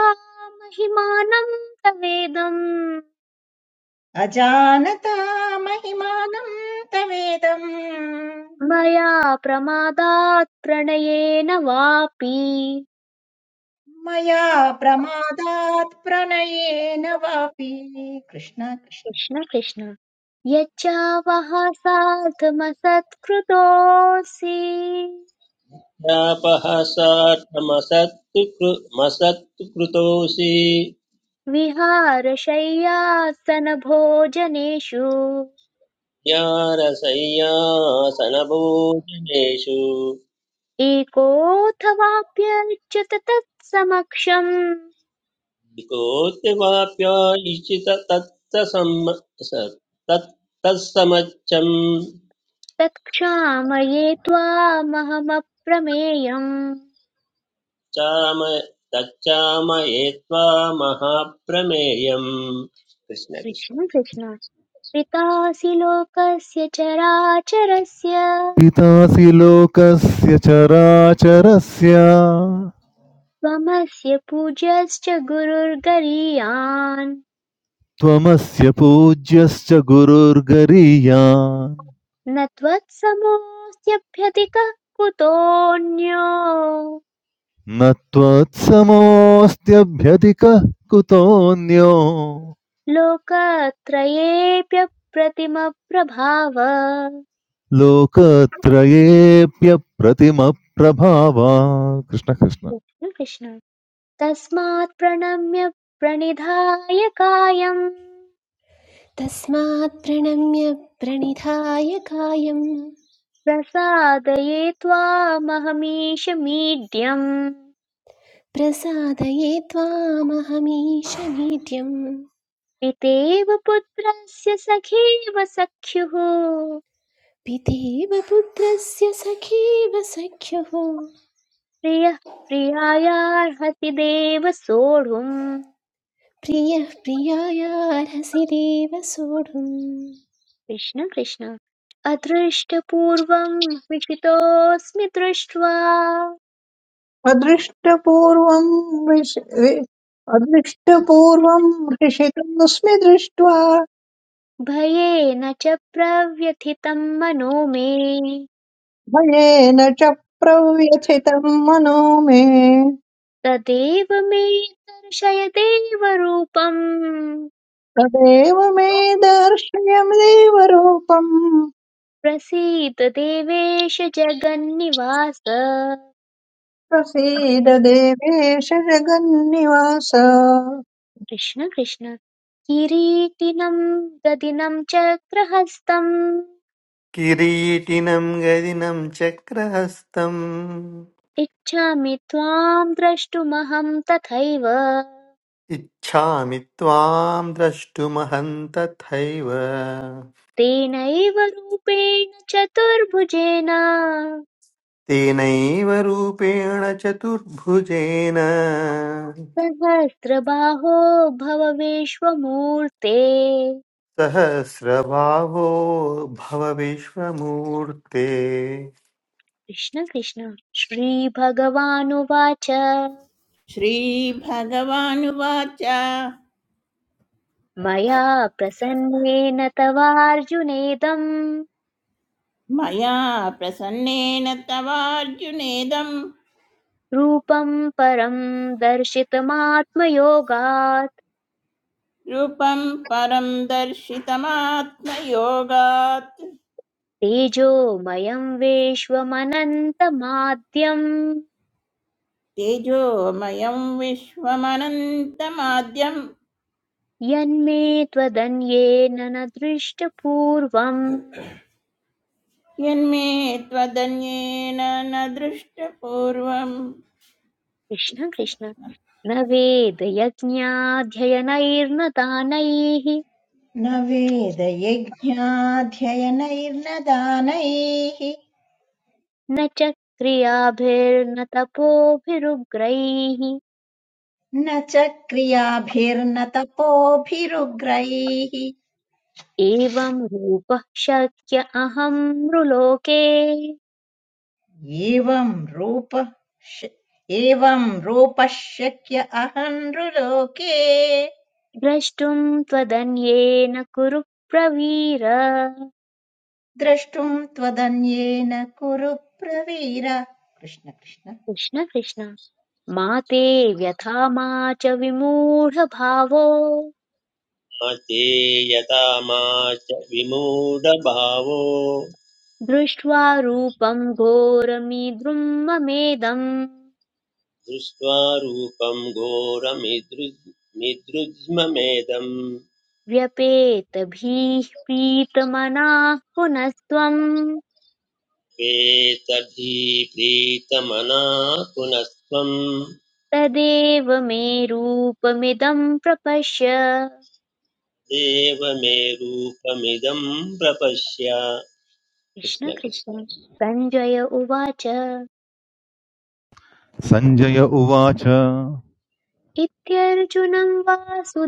[SPEAKER 1] महिमानं तवेदम्
[SPEAKER 2] अजानता महिमानं तवेदं
[SPEAKER 1] मया प्रमादात् प्रणयेन वापि
[SPEAKER 2] मया प्रमादात् प्रणयेन वापि कृष्ण कृष्ण
[SPEAKER 1] कृष्ण कृष्ण यच्चावः साधमसत्कृतोऽसि
[SPEAKER 3] शापः सा मसत्कृतोऽसि
[SPEAKER 1] विहारशय्यासनभोजनेषु
[SPEAKER 3] ज्ञानसय्यासनभोजनेषु
[SPEAKER 1] एकोऽथवाप्यच्युत तत्समक्षम्
[SPEAKER 3] कोऽप्यवाप्यायिषित तत्तत्समच्चं
[SPEAKER 1] तत्क्षामये त्वामहमप्रमेयम्
[SPEAKER 3] चाम तच्चामये त्वा महाप्रमेयम् कृष्ण
[SPEAKER 1] कृष्ण
[SPEAKER 3] कृष्ण
[SPEAKER 1] कृष्ण पितासि लोकस्य चराचरस्य
[SPEAKER 4] पितासि लोकस्य चराचरस्य
[SPEAKER 1] त्वमस्य पूज्यश्च गुरुर्गरीयान्
[SPEAKER 4] त्वमस्य पूज्यश्च गुरुर्गरीयान्
[SPEAKER 1] न त्वत्समोऽस्त्यभ्यधिकः कुतोऽन्यो
[SPEAKER 4] न त्वत्समोऽस्त्यभ्यधिकः कुतोऽन्यो
[SPEAKER 1] लोकत्रयेऽप्यप्रतिमप्रभाव
[SPEAKER 4] लोकत्रयेऽप्यप्रतिमप्रभावा कृष्ण कृष्ण
[SPEAKER 1] कृष्ण कृष्ण तस्मात् प्रणम्य प्रणिधाय कायम्
[SPEAKER 5] तस्मात् प्रणम्य प्रणिधाय कायं
[SPEAKER 1] प्रसादये त्वामहमीश मीड्यम्
[SPEAKER 5] प्रसादये त्वामहमीश नित्यं
[SPEAKER 1] पितेव पुत्रस्य सखेव सख्युः
[SPEAKER 5] पितेव पुत्रस्य सखेव सख्युः
[SPEAKER 1] प्रियः प्रियायार्हति देव सोढुम्
[SPEAKER 5] प्रियः प्रियायार्हसि देव सोढुम्
[SPEAKER 1] कृष्ण कृष्ण अदृष्टपूर्वम् विषितोऽस्मि दृष्ट्वा
[SPEAKER 6] अदृष्टपूर्वं विश- वि- अदृष्टपूर्वं हृषितमस्मि दृष्ट्वा
[SPEAKER 1] भयेन च प्रव्यथितं मनो मे
[SPEAKER 6] भयेन च प्रव्यथितं मनो मे
[SPEAKER 1] तदेव मे दर्शय देव रूपम्
[SPEAKER 6] तदेव मे दर्शय देवरूपं
[SPEAKER 1] प्रसीद देवेश जगन्निवास
[SPEAKER 6] प्रसीद देवेश जगन्निवास
[SPEAKER 1] कृष्ण कृष्ण किरीटिनं गदिनं चक्रहस्तम्
[SPEAKER 7] किरीटिनं गदिनं चक्रहस्तम्
[SPEAKER 1] इच्छामि त्वां द्रष्टुमहं तथैव
[SPEAKER 7] इच्छामि त्वां द्रष्टुमहं तथैव
[SPEAKER 1] तेनैव रूपेण चतुर्भुजेन
[SPEAKER 7] तेनैव रूपेण चतुर्भुजेन
[SPEAKER 1] सहस्रबाहो भव विश्वमूर्ते
[SPEAKER 7] सहस्रबाहो भव विश्वमूर्ते
[SPEAKER 1] कृष्ण कृष्ण श्रीभगवानुवाच
[SPEAKER 8] श्रीभगवानुवाच
[SPEAKER 1] मया प्रसन्नेन तवार्जुनेदम्
[SPEAKER 8] मया प्रसन्नेन तवार्जुनेदं
[SPEAKER 1] रूपं परं दर्शितमात्मयोगात्
[SPEAKER 8] रूपं परं दर्शितमात्मयोगात्
[SPEAKER 1] तेजोमयं विश्वमनन्तमाद्यं
[SPEAKER 8] तेजोमयं विश्वमनन्तमाद्यं
[SPEAKER 1] यन्मे त्वदन्येन न दृष्टपूर्वम्
[SPEAKER 8] यन्मे त्वदन्येन न दृष्टपूर्वम्
[SPEAKER 1] कृष्ण
[SPEAKER 8] कृष्ण
[SPEAKER 1] कृष्ण
[SPEAKER 8] कृष्ण।
[SPEAKER 1] न वेदयज्ञाध्ययनैर्न दानैः
[SPEAKER 2] न वेदयज्ञाध्ययनैर्न दानैः
[SPEAKER 1] न च क्रियाभिर्न तपोभिरुग्रैः
[SPEAKER 2] न च क्रियाभिर्न तपोभिरुग्रैः
[SPEAKER 1] एवं रूपः शक्य अहं मृलोके
[SPEAKER 2] एवं रूपः शक्य अहन्नृलोके
[SPEAKER 1] द्रष्टुं त्वदन्येन कुरु प्रवीर
[SPEAKER 2] द्रष्टुं त्वदन्येन कुरु प्रवीर कृष्ण कृष्ण
[SPEAKER 1] कृष्ण कृष्ण मा ते व्यथा मा च विमूढभावो
[SPEAKER 3] चेयतामाच विमूढभावो
[SPEAKER 1] दृष्ट्वा रूपं घोरमीद्रुं ममेदम्
[SPEAKER 3] दृष्ट्वा रूपं घोरमिदृ मिदृज्ममेदम्
[SPEAKER 1] व्यपेतभिः पीतमनाः पुनस्त्वं
[SPEAKER 3] वेतधी प्रीतमना पुनस्त्वं
[SPEAKER 1] तदेव मे रूपमिदं प्रपश्य
[SPEAKER 3] देव मे रूपमिदं प्रपश्य कृष्ण
[SPEAKER 1] कृष्ण
[SPEAKER 3] कृष्ण
[SPEAKER 1] कृष्ण सञ्जय उवाच
[SPEAKER 4] सञ्जय उवाच
[SPEAKER 1] इत्यर्जुनं वासुदेवस्तथोक्त्वा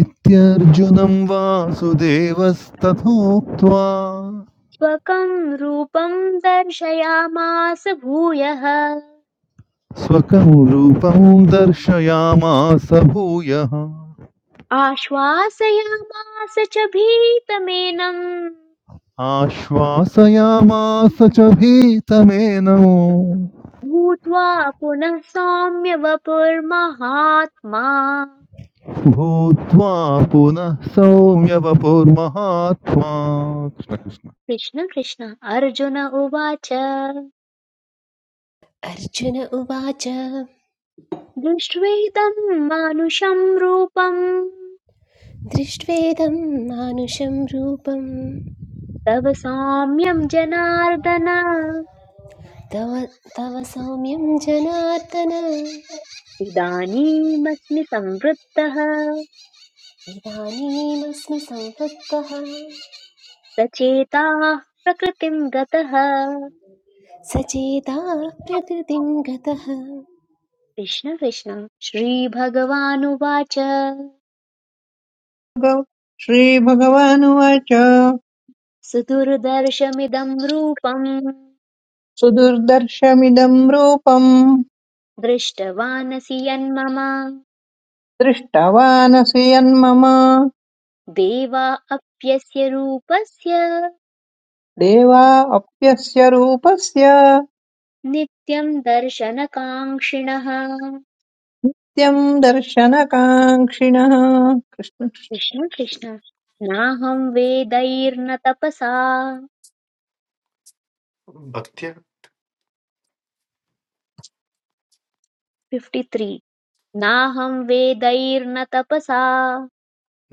[SPEAKER 4] इत्यर्जुनं वासुदेवस्तथोक्त्वा
[SPEAKER 1] स्वकं रूपं दर्शयामास भूयः
[SPEAKER 4] स्वकं रूपं दर्शयामास भूयः
[SPEAKER 1] आश्वासयामास च भीतमेनं
[SPEAKER 4] आश्वासयामास च भीतमेनमो
[SPEAKER 1] भूत्वा पुनः सौम्य वपुर्महात्मा
[SPEAKER 4] भूत्वा पुनः सौम्यवपुर्महात्मा कृष्णकृष्ण
[SPEAKER 1] कृष्ण कृष्ण अर्जुन उवाच
[SPEAKER 5] अर्जुन उवाच
[SPEAKER 1] दृष्ट्वेदं मानुषं रूपं
[SPEAKER 5] दृष्ट्वेदं मानुषं रूपं
[SPEAKER 1] तव सौम्यं जनार्दन
[SPEAKER 5] तव तव सौम्यं जनार्दन
[SPEAKER 1] इदानीमस्मि संवृत्तः
[SPEAKER 5] इदानीमस्मि संवृत्तः
[SPEAKER 1] सचेताः प्रकृतिं गतः
[SPEAKER 5] सचेता प्रकृतिं गतः
[SPEAKER 1] कृष्ण कृष्ण श्रीभगवानुवाच
[SPEAKER 6] भगव- श्रीभगवानुवाच
[SPEAKER 1] सुदुर्दर्शमिदं रूपम्
[SPEAKER 6] सुदुर्दर्शमिदं रूपम्
[SPEAKER 1] दृष्टवानसि यन्मम
[SPEAKER 6] दृष्टवानसि यन्मम
[SPEAKER 1] देवा अप्यस्य रूपस्य
[SPEAKER 6] देवा अप्यस्य रूपस्य
[SPEAKER 1] नित्यं दर्शनकाङ्क्षिणः
[SPEAKER 6] नित्यम् दर्शनकाङ्क्षिणः कृष्ण कृष्ण।
[SPEAKER 1] कृष्ण कृष्ण नाहं वेदैर्न तपसा
[SPEAKER 7] भक्त्या
[SPEAKER 1] फिफ्टि त्री नाहं वेदैर्न तपसा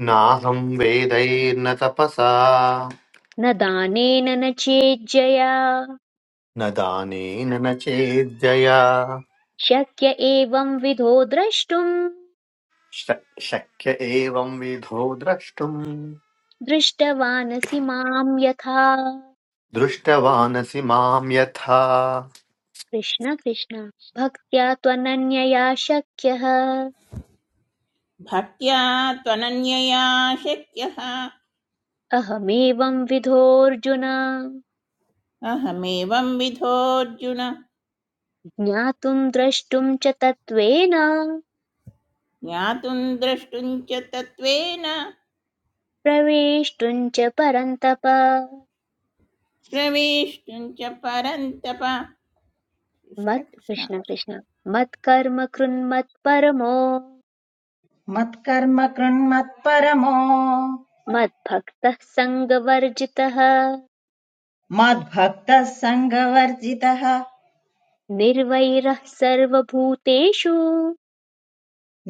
[SPEAKER 7] नाहं वेदैर्न तपसा
[SPEAKER 1] न दानेन न चेज्जया
[SPEAKER 7] न दानेन न चेद्यया
[SPEAKER 1] शक्य एवं विधो द्रष्टुम्
[SPEAKER 7] श- शक्य एवं विधो द्रष्टुम्
[SPEAKER 1] दृष्टवानसि माम् यथा
[SPEAKER 7] दृष्टवानसि मां यथा
[SPEAKER 1] कृष्ण कृष्ण भक्त्या त्वनन्यया शक्यः
[SPEAKER 8] भक्त्या त्वनन्यया शक्यः
[SPEAKER 1] अहमेवं विधोऽर्जुन
[SPEAKER 8] अहमेवं विधोऽर्जुन
[SPEAKER 1] ज्ञातुं द्रष्टुं च तत्त्वेन
[SPEAKER 8] ज्ञातुं द्रष्टुं च तत्त्वेन
[SPEAKER 1] प्रवेष्टुं च परन्तप
[SPEAKER 8] प्रवेष्टुं च परन्तप कृष्ण
[SPEAKER 1] मत्
[SPEAKER 8] कृष्ण
[SPEAKER 1] कृष्ण कृष्ण मत्कर्म कृन्मत्परमो
[SPEAKER 2] मत्कर्म कृण्मत्परमो
[SPEAKER 1] मद्भक्तः सङ्गवर्जितः
[SPEAKER 2] मद्भक्तः सङ्गवर्जितः
[SPEAKER 1] निर्वैरः सर्वभूतेषु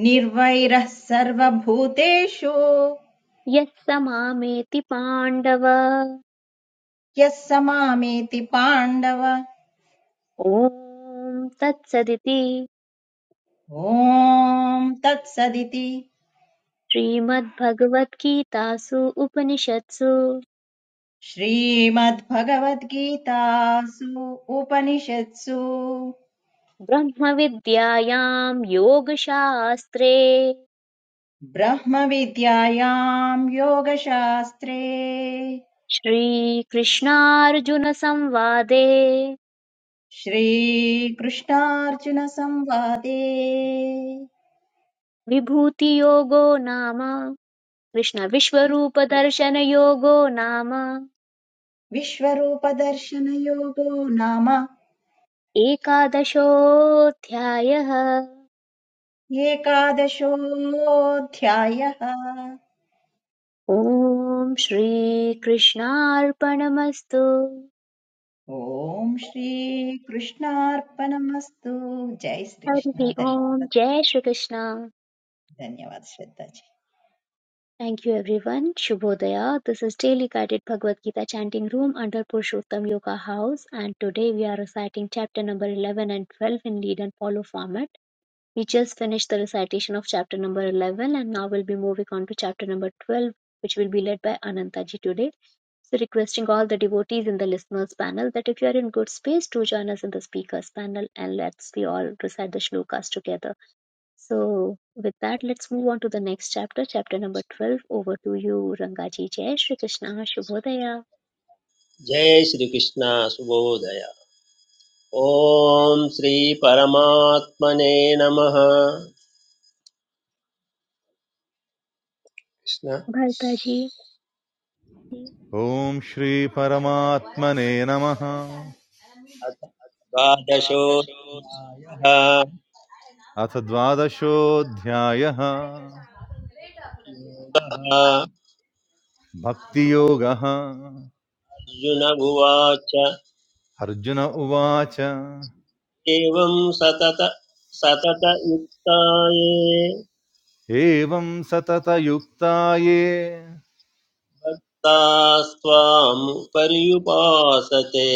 [SPEAKER 2] निर्वैरः सर्वभूतेषु
[SPEAKER 1] यः स मामेति पाण्डव
[SPEAKER 2] यः समामेति पाण्डव
[SPEAKER 1] ॐ तत्सदिति
[SPEAKER 2] ॐ तत्सदिति
[SPEAKER 1] श्रीमद्भगवद्गीतासु उपनिषत्सु
[SPEAKER 2] श्रीमद्भगवद्गीतासु उपनिषत्सु
[SPEAKER 1] ब्रह्मविद्यायां योगशास्त्रे
[SPEAKER 2] ब्रह्मविद्यायां योगशास्त्रे
[SPEAKER 1] श्रीकृष्णार्जुनसंवादे
[SPEAKER 2] श्रीकृष्णार्जुनसंवादे
[SPEAKER 1] विभूतियोगो नाम कृष्णविश्वरूपदर्शनयोगो नाम
[SPEAKER 2] विश्वरूपदर्शनयोगो नाम
[SPEAKER 1] Eka dasho thyaya
[SPEAKER 2] एकादशोऽध्यायः
[SPEAKER 1] Om Shri Krishna Arpanam Astu
[SPEAKER 2] ॐ श्रीकृष्णार्पणमस्तु जय श्रीकृष्ण
[SPEAKER 1] Adi
[SPEAKER 2] धन्य-
[SPEAKER 1] Om Jai Shri Krishna
[SPEAKER 2] धन्यवाद श्रद्धा
[SPEAKER 1] Thank you everyone Shubodaya This is Daily Gardeed Bhagavad Gita Chanting Room under Purushottam Yoga House and today we are reciting Chapter number eleven and twelve in lead and follow format. We just finished the recitation of chapter number 11 and now we'll be moving on to chapter number 12, which will be led by Anantaji today. So, requesting all the devotees in the listeners panel that if you are in good space, do join us in the speakers panel and let's we all recite the shlokas together. So, with that, let's move on to the next chapter, chapter number 12. Over to you, Rangaji. Jai Shri Krishna, Shubhodaya.
[SPEAKER 3] जय श्रीकृष्ण सुबोधय ॐ श्रीपरमात्मने नमः Krishna
[SPEAKER 1] Bhartaji,
[SPEAKER 4] ॐ श्रीपरमात्मने नमः
[SPEAKER 3] अथ द्वादशोऽध्यायः
[SPEAKER 4] अथ द्वादशोऽध्यायः भक्तियोगः
[SPEAKER 3] अर्जुन उवाच
[SPEAKER 4] अर्जुन उवाच
[SPEAKER 3] एवं सतत सततयुक्ताये
[SPEAKER 4] एवं सततयुक्ता ये
[SPEAKER 3] तास्त्वाम् पर्युपासते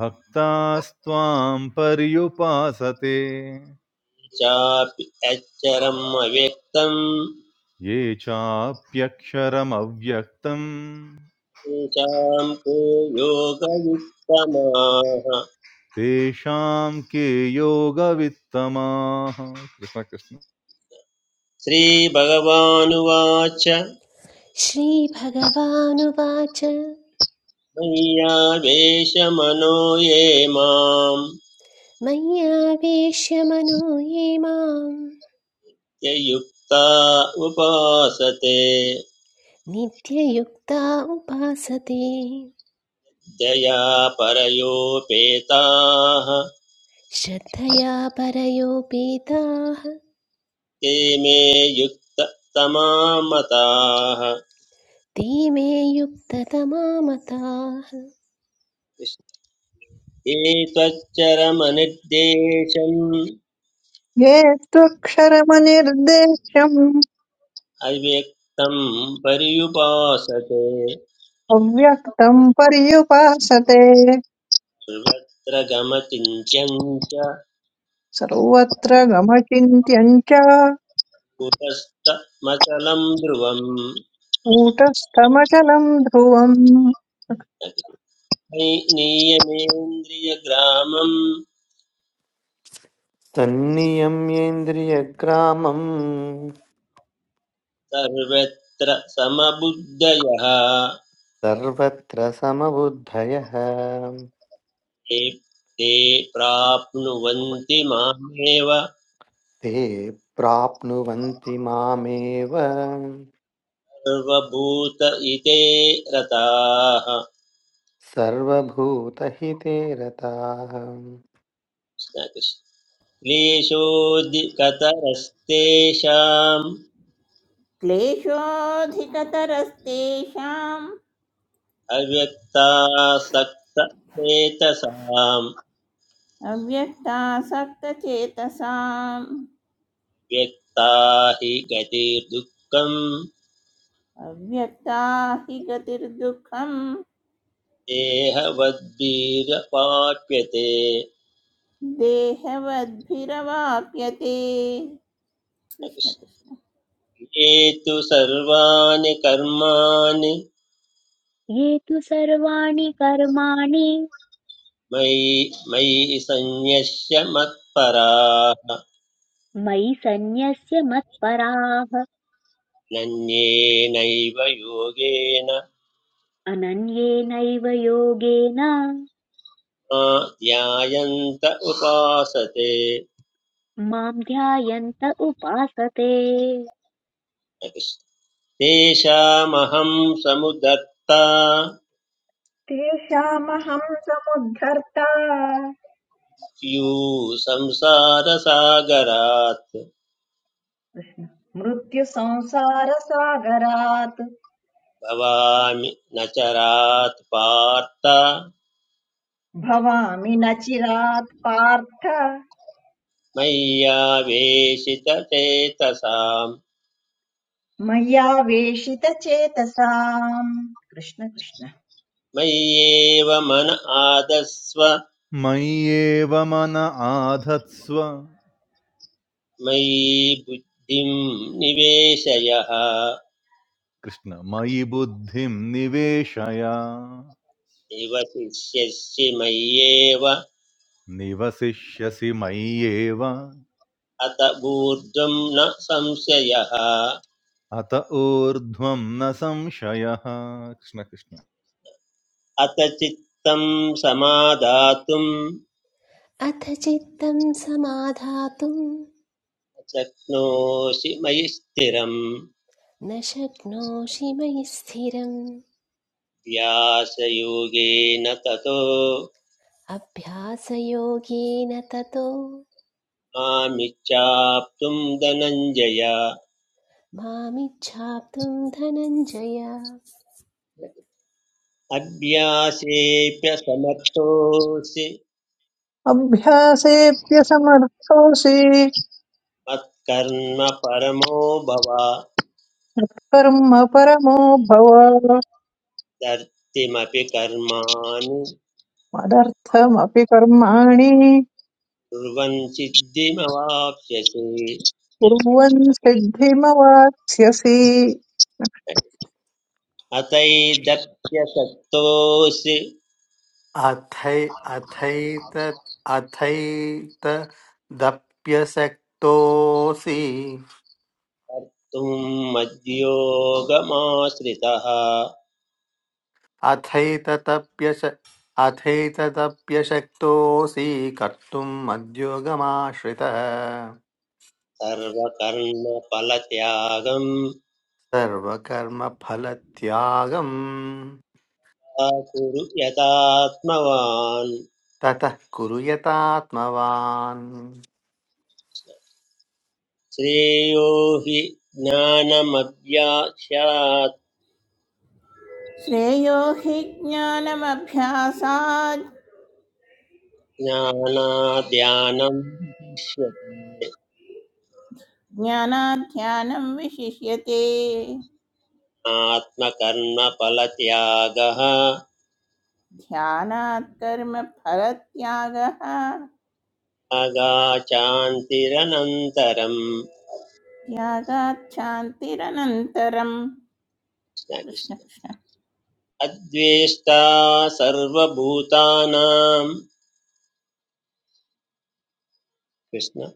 [SPEAKER 4] भक्तास्त्वां पर्युपासते
[SPEAKER 3] चापि अक्षरम् अव्यक्तम्
[SPEAKER 4] ये चाप्यक्षरमव्यक्तं
[SPEAKER 3] चाम् को योगयुक्तमाः
[SPEAKER 4] तेषां के योगवित्तमाः कृष्ण कृष्ण
[SPEAKER 3] श्रीभगवानुवाच
[SPEAKER 5] श्रीभगवानुवाच
[SPEAKER 3] मय्यावेशमनो ये माम्
[SPEAKER 5] मय्यावेश्य मनो ये मां
[SPEAKER 3] ययुक्ता उपासते
[SPEAKER 5] नित्ययुक्ता उपासते
[SPEAKER 3] जया परयोपेताः
[SPEAKER 5] श्रद्धया परयोपेताः
[SPEAKER 3] ते मे युक्ततमा मताः
[SPEAKER 5] ते मे युक्ततमा मताः
[SPEAKER 3] एतच्चरमनिर्देशम्
[SPEAKER 6] ये त्वक्षरमनिर्देश्यम्
[SPEAKER 3] अव्यक्तम् पर्युपासते
[SPEAKER 6] अव्यक्तम् पर्युपासते
[SPEAKER 3] सर्वत्र गमचिन्त्यञ्च
[SPEAKER 6] सर्वत्र गमचिन्त्यम् च
[SPEAKER 3] पुरस्तमचलं ध्रुवम्
[SPEAKER 6] कूटस्थमचलम् ध्रुवम्
[SPEAKER 3] नियमेन्द्रियग्रामं
[SPEAKER 7] तन्नियम्येन्द्रियग्रामम्
[SPEAKER 3] सर्वत्र समबुद्धयः
[SPEAKER 7] सर्वत्र समबुद्धयः
[SPEAKER 3] ते ते प्राप्नुवन्ति मामेव
[SPEAKER 7] ते प्राप्नुवन्ति मामेव
[SPEAKER 3] सर्वभूत इते रताः
[SPEAKER 7] सर्वभूतहिते रताः
[SPEAKER 3] क्लेशोऽधिकतरस्तेषाम्
[SPEAKER 8] क्लेशोऽधिकतरस्तेषाम्
[SPEAKER 3] अव्यक्तासक्तचेतसाम्
[SPEAKER 8] अव्यक्तासक्तचेतसाम्
[SPEAKER 3] व्यक्ता हि गतिर्दुःखम्
[SPEAKER 8] अव्यक्ता हि गतिर्दुःखं
[SPEAKER 3] देहवद्भिरपाप्यते
[SPEAKER 8] देहवद्भिरवाप्यते कृष्ण कृष्ण
[SPEAKER 3] ये तु सर्वाणि कर्माणि
[SPEAKER 1] ये तु सर्वाणि कर्माणि
[SPEAKER 3] मयि मयि सन्न्यस्य मत्पराः
[SPEAKER 1] मयि सन्न्यस्य मत्पराः
[SPEAKER 3] नन्येनैव योगेन
[SPEAKER 1] अनन्येनैव योगेन
[SPEAKER 3] मा ध्यायन्त उपासते
[SPEAKER 1] माम् ध्यायन्त उपासते
[SPEAKER 3] तेषामहं समुदत्ता
[SPEAKER 2] तेषामहं समुद्धर्ता
[SPEAKER 3] यू संसारसागरात्
[SPEAKER 2] मृत्युसंसारसागरात्
[SPEAKER 3] भवामि न चरात् पार्थ
[SPEAKER 2] भवामि न चिरात् पार्थ
[SPEAKER 3] मय्यावेशितचेतसां
[SPEAKER 2] मय्यावेशितचेतसाम् कृष्ण कृष्ण
[SPEAKER 3] मय्येव मन आदस्व
[SPEAKER 4] मय्येव मन आधत्स्व
[SPEAKER 3] मयि बुद्धिं निवेशयः
[SPEAKER 4] कृष्ण मयि बुद्धिं निवेशय
[SPEAKER 3] निवशिष्यसि मय्येव
[SPEAKER 4] निवसिष्यसि मय्येव
[SPEAKER 3] अत ऊर्ध्वं न संशयः
[SPEAKER 4] अत ऊर्ध्वं न संशयः कृष्ण कृष्ण
[SPEAKER 3] अथ चित्तं समादातुं
[SPEAKER 5] अथ चित्तं समाधातुं
[SPEAKER 3] शक्नोषि मयि स्थिरं
[SPEAKER 5] न शक्नोषि मयि स्थिरम्
[SPEAKER 3] व्यासयोगेन ततो
[SPEAKER 5] अभ्यासयोगेन ततो
[SPEAKER 3] मामिच्छाप्तुं धनञ्जय
[SPEAKER 5] मामिच्छाप्तुं धनञ्जय
[SPEAKER 3] अभ्यासेऽप्यसमर्थोऽसि
[SPEAKER 6] अभ्यासेऽप्यसमर्थोऽसि
[SPEAKER 3] मत्कर्म परमो भव
[SPEAKER 6] कर्म परमो भव
[SPEAKER 3] धर्तिमपि कर्माणि
[SPEAKER 6] मदर्थमपि कर्माणि
[SPEAKER 3] कुर्वन् सिद्धिमवाप्स्यसि
[SPEAKER 6] कुर्वन् सिद्धिमवाप्स्यसि
[SPEAKER 3] अतैदप्यसक्तोऽसि
[SPEAKER 7] अथै अथैत अथैतदप्यशक्तोऽसि
[SPEAKER 3] कर्तुं मद्योगमाश्रितः
[SPEAKER 7] अथैतदप्यश अथैतदप्यशक्तोऽसि कर्तुम् मद्योगमाश्रितः
[SPEAKER 3] सर्वकर्मफलत्यागं
[SPEAKER 7] सर्वकर्मफलत्यागम्
[SPEAKER 3] कुरु यथात्मवान्
[SPEAKER 7] ततः कुरु यतात्मवान्
[SPEAKER 3] श्रेयो हि ज्ञानमभ्यास्यात्
[SPEAKER 8] श्रेयो हि ज्ञानमभ्यासात्
[SPEAKER 3] ज्ञानाद्यानं विशिष्यते
[SPEAKER 8] ज्ञानात् ध्यानं विशिष्यते
[SPEAKER 3] आत्मकर्मफलत्यागः
[SPEAKER 8] ध्यानात् कर्म फलत्यागः
[SPEAKER 3] अगाचान्तिरनन्तरम्
[SPEAKER 8] त्यागात् शान्तिरनन्तरम्
[SPEAKER 3] कृष्ण
[SPEAKER 8] कृष्ण
[SPEAKER 3] कृष्ण।
[SPEAKER 8] कृष्ण
[SPEAKER 3] अद्वेष्टा सर्वभूतानां कृष्ण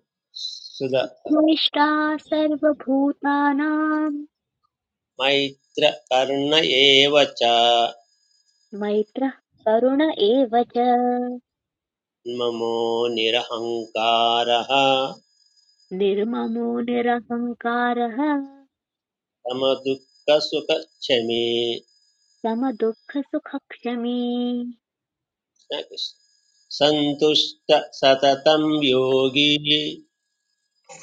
[SPEAKER 3] सुध
[SPEAKER 1] द्रष्टा सर्वभूतानाम्
[SPEAKER 3] मैत्र कर्ण एव च
[SPEAKER 1] मैत्रः करुण एव च
[SPEAKER 3] ममो निरहङ्कारः
[SPEAKER 1] निर्ममो निरहङ्कारः
[SPEAKER 3] समदुःखसुखक्षमी
[SPEAKER 1] समदुःखसुखक्षमी
[SPEAKER 3] कृष्ण कृष्ण। सन्तुष्ट सततं योगी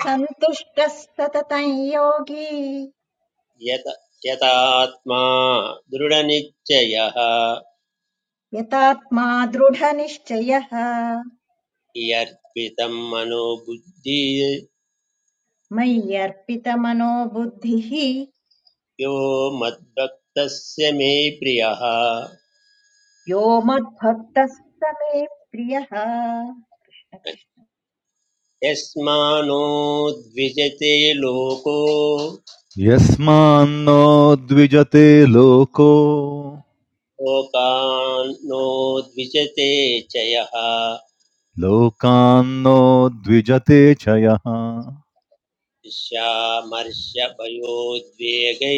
[SPEAKER 2] सन्तुष्टः सततं योगी
[SPEAKER 3] यत यतात्मा दृढनिश्चयः
[SPEAKER 2] यतात्मा दृढनिश्चयः
[SPEAKER 3] यर्पितं मनोबुद्धि
[SPEAKER 2] मय्यर्पितमनो बुद्धिः
[SPEAKER 3] यो मद्भक्तस्य मे प्रियः
[SPEAKER 2] यो मद्भक्तः स मे प्रियः कृष्ण कृष्ण।
[SPEAKER 3] यस्मानो द्विजते लोको
[SPEAKER 4] यस्मान्नो द्विजते लोको
[SPEAKER 3] लोकान्नो द्विजते च यः
[SPEAKER 4] लोकान्नो द्विजते च यः
[SPEAKER 3] ईर्ष्यामर्षभयोद्वेगै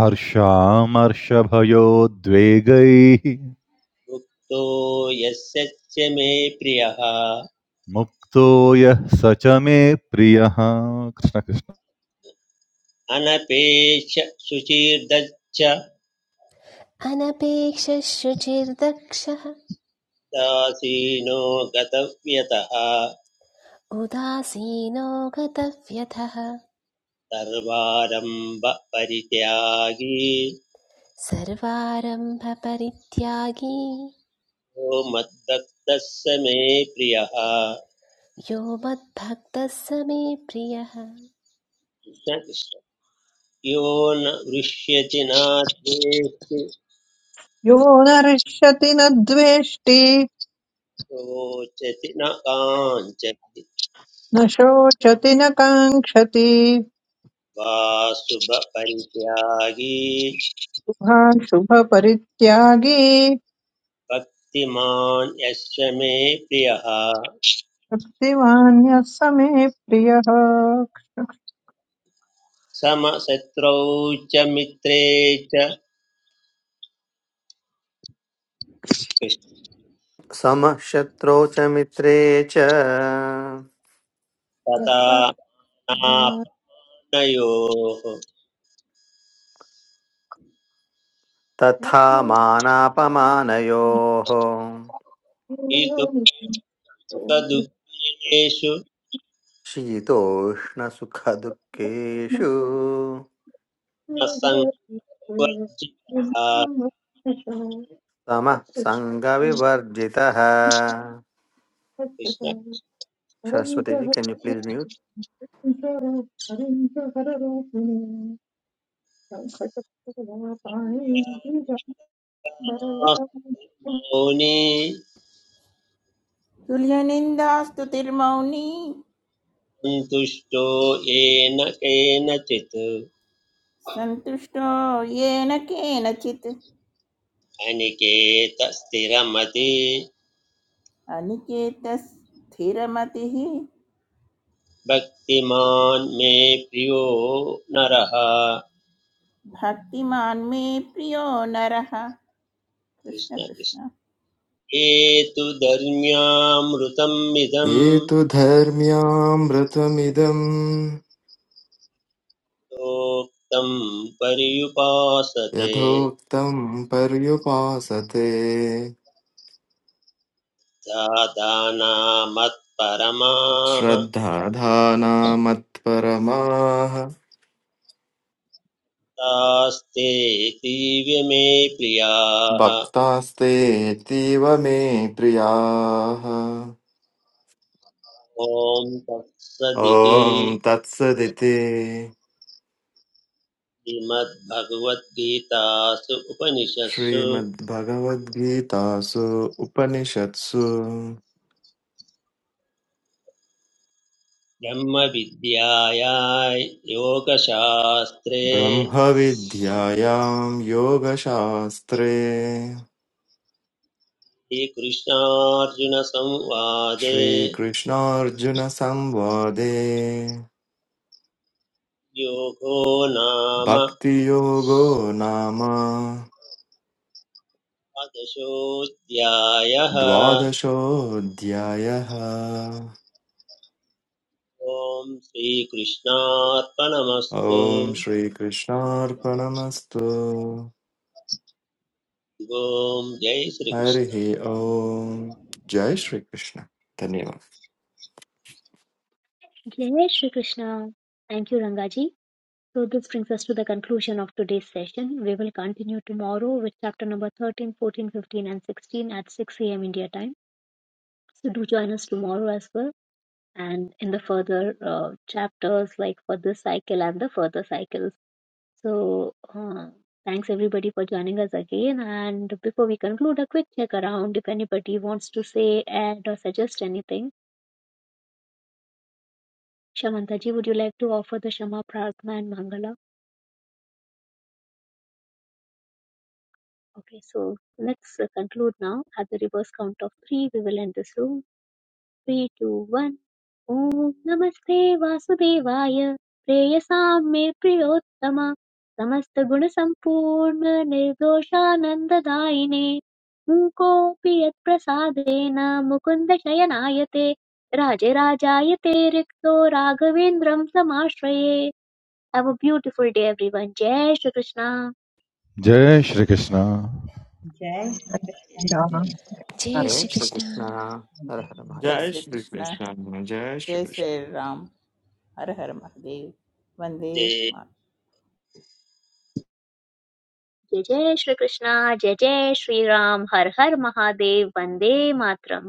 [SPEAKER 4] हर्षामर्षभयोद्वेगैः
[SPEAKER 3] मुक्तो यस्य च मे प्रियः
[SPEAKER 4] मुक्तो यः स च मे प्रियः कृष्ण कृष्ण
[SPEAKER 3] अनपेक्ष शुचिर्दच्छ
[SPEAKER 5] अनपेक्षशुचिर्दक्षः
[SPEAKER 3] दासीनो गतव्यतः
[SPEAKER 5] उदासीनो गतव्यथः
[SPEAKER 3] सर्वारम्भ परित्यागी
[SPEAKER 5] सर्वारम्भपरित्यागी
[SPEAKER 3] यो मद्भक्तः स मे प्रियः
[SPEAKER 5] यो मद्भक्तः स मे प्रियः
[SPEAKER 3] कृष्ण कृष्ण यो न वृष्यति न द्वेष्टि
[SPEAKER 6] यो न हृष्यति न द्वेष्टि
[SPEAKER 3] रोचति न काञ्चति
[SPEAKER 6] न शोचति न काङ्क्षति
[SPEAKER 3] वा शुभपरित्यागी
[SPEAKER 6] शुभाशुभपरित्यागी
[SPEAKER 3] भक्तिमान् यस्य मे प्रियः
[SPEAKER 6] भक्तिमान् यः स मे प्रियः
[SPEAKER 3] समशत्रौ च मित्रे च कृष्ण
[SPEAKER 7] समशत्रौ च मित्रे च
[SPEAKER 3] तथा
[SPEAKER 6] तथा आत्मा
[SPEAKER 3] नापनयोः
[SPEAKER 7] तथा मानापमानयोः
[SPEAKER 6] पूर्णमितो मृत्युर्भृत्यो
[SPEAKER 3] इतोदुःखेषु
[SPEAKER 7] शीतोष्णसुखदुःखेषु
[SPEAKER 3] न सङ्वर्जितः
[SPEAKER 6] ब्रह्ममोक्षं
[SPEAKER 7] समः
[SPEAKER 6] अदृष्टं
[SPEAKER 7] सङ्गविवर्जितः
[SPEAKER 3] कृष्ण
[SPEAKER 6] परञ्च
[SPEAKER 7] Saraswati ji can you please mute
[SPEAKER 6] हरिं च हररूपिणी
[SPEAKER 3] मौनी
[SPEAKER 8] तुल्यनिन्दास्तुतिर्मौनी
[SPEAKER 3] सन्तुष्टो येन केनचित्
[SPEAKER 8] सन्तुष्टो येन केनचित्
[SPEAKER 3] अनिकेत स्थिरमति
[SPEAKER 8] अनिकेतः स्थिरमतिः
[SPEAKER 3] भक्तिमान् मे प्रियो नरः
[SPEAKER 8] भक्तिमान् मे प्रियो नरः
[SPEAKER 3] कृष्ण
[SPEAKER 8] कृष्ण
[SPEAKER 3] कृष्ण
[SPEAKER 8] कृष्ण
[SPEAKER 3] एतु तु धर्म्यामृतम् इदम्
[SPEAKER 9] हेतुधर्म्यामृतमिदं
[SPEAKER 3] प्रोक्तम् पर्युपासते
[SPEAKER 9] यथोक्तं पर्युपासते
[SPEAKER 3] दादानामत्परमाः
[SPEAKER 9] श्रद्धाधानामत्परमाः
[SPEAKER 3] तास्ते दिव्य मे प्रियाः
[SPEAKER 9] भक्तास्तेऽतीव मे प्रियाः
[SPEAKER 3] ॐ
[SPEAKER 9] ॐ
[SPEAKER 3] तत्सदिति
[SPEAKER 9] तत्सदिति
[SPEAKER 3] श्रीमद्भगवद्गीतासु उपनिषत्सु
[SPEAKER 9] श्रीमद्भगवद्गीतासु उपनिषत्सु
[SPEAKER 3] ब्रह्मविद्यायां योगशास्त्रे
[SPEAKER 9] ब्रह्मविद्यायां योगशास्त्रे
[SPEAKER 3] श्रीकृष्णार्जुनसंवादे
[SPEAKER 9] श्रीकृष्णार्जुनसंवादे
[SPEAKER 3] योगो नाम
[SPEAKER 9] भक्तियोगो नाम
[SPEAKER 3] द्वादशोऽध्यायः
[SPEAKER 9] द्वादशोऽध्यायः
[SPEAKER 3] ॐ श्रीकृष्णार्पणमस्तु
[SPEAKER 9] ॐ श्रीकृष्णार्पणमस्तु
[SPEAKER 3] ॐ जय श्रीकृष्ण
[SPEAKER 9] हरिः ॐ जय श्रीकृष्ण धन्यवाद
[SPEAKER 1] जय Shri Krishna thank you Rangaji So this brings us to the conclusion of today's session. We will continue tomorrow with chapter number 13, 14, 15 and 16 at 6 a.m. India time. So do join us tomorrow as well, and in the further uh, chapters, like for this cycle and the further cycles. So uh, thanks everybody for joining us again. And before we conclude, a quick check around if anybody wants to say, add, or suggest anything. Shamanta ji, would you like to offer the Shama Prarthana and Mangala? Okay, so let's uh, conclude now. At the reverse count of three, we will end this room. Three two one ॐ नमस्ते वासुदेवाय प्रेयसां मे प्रियोत्तम समस्तगुणसम्पूर्ण निर्दोषानन्ददायिने मूकोऽपि यत्प्रसादेन मुकुन्द शयनायते राजराजायते रिक्तो राघवेन्द्रं समाश्रये have a beautiful day everyone जय श्रीकृष्ण
[SPEAKER 4] जय Shri Krishna
[SPEAKER 2] dez que está na dez
[SPEAKER 6] Thank
[SPEAKER 5] जय
[SPEAKER 7] जय श्री
[SPEAKER 5] श्रीकृष्ण
[SPEAKER 7] कृष्ण हर हर
[SPEAKER 8] जय
[SPEAKER 7] महादेव
[SPEAKER 2] centímetros
[SPEAKER 9] जय
[SPEAKER 8] श्री कृष्ण
[SPEAKER 9] श्रीकृष्ण जय
[SPEAKER 8] जय
[SPEAKER 9] श्रीकृष्ण
[SPEAKER 8] श्री राम ஹர ஹர மகதேவ் வந்தே
[SPEAKER 3] जय
[SPEAKER 8] மா
[SPEAKER 1] जय जय श्रीकृष्ण जय जय श्रीराम हर हर महादेव वन्दे मातरम्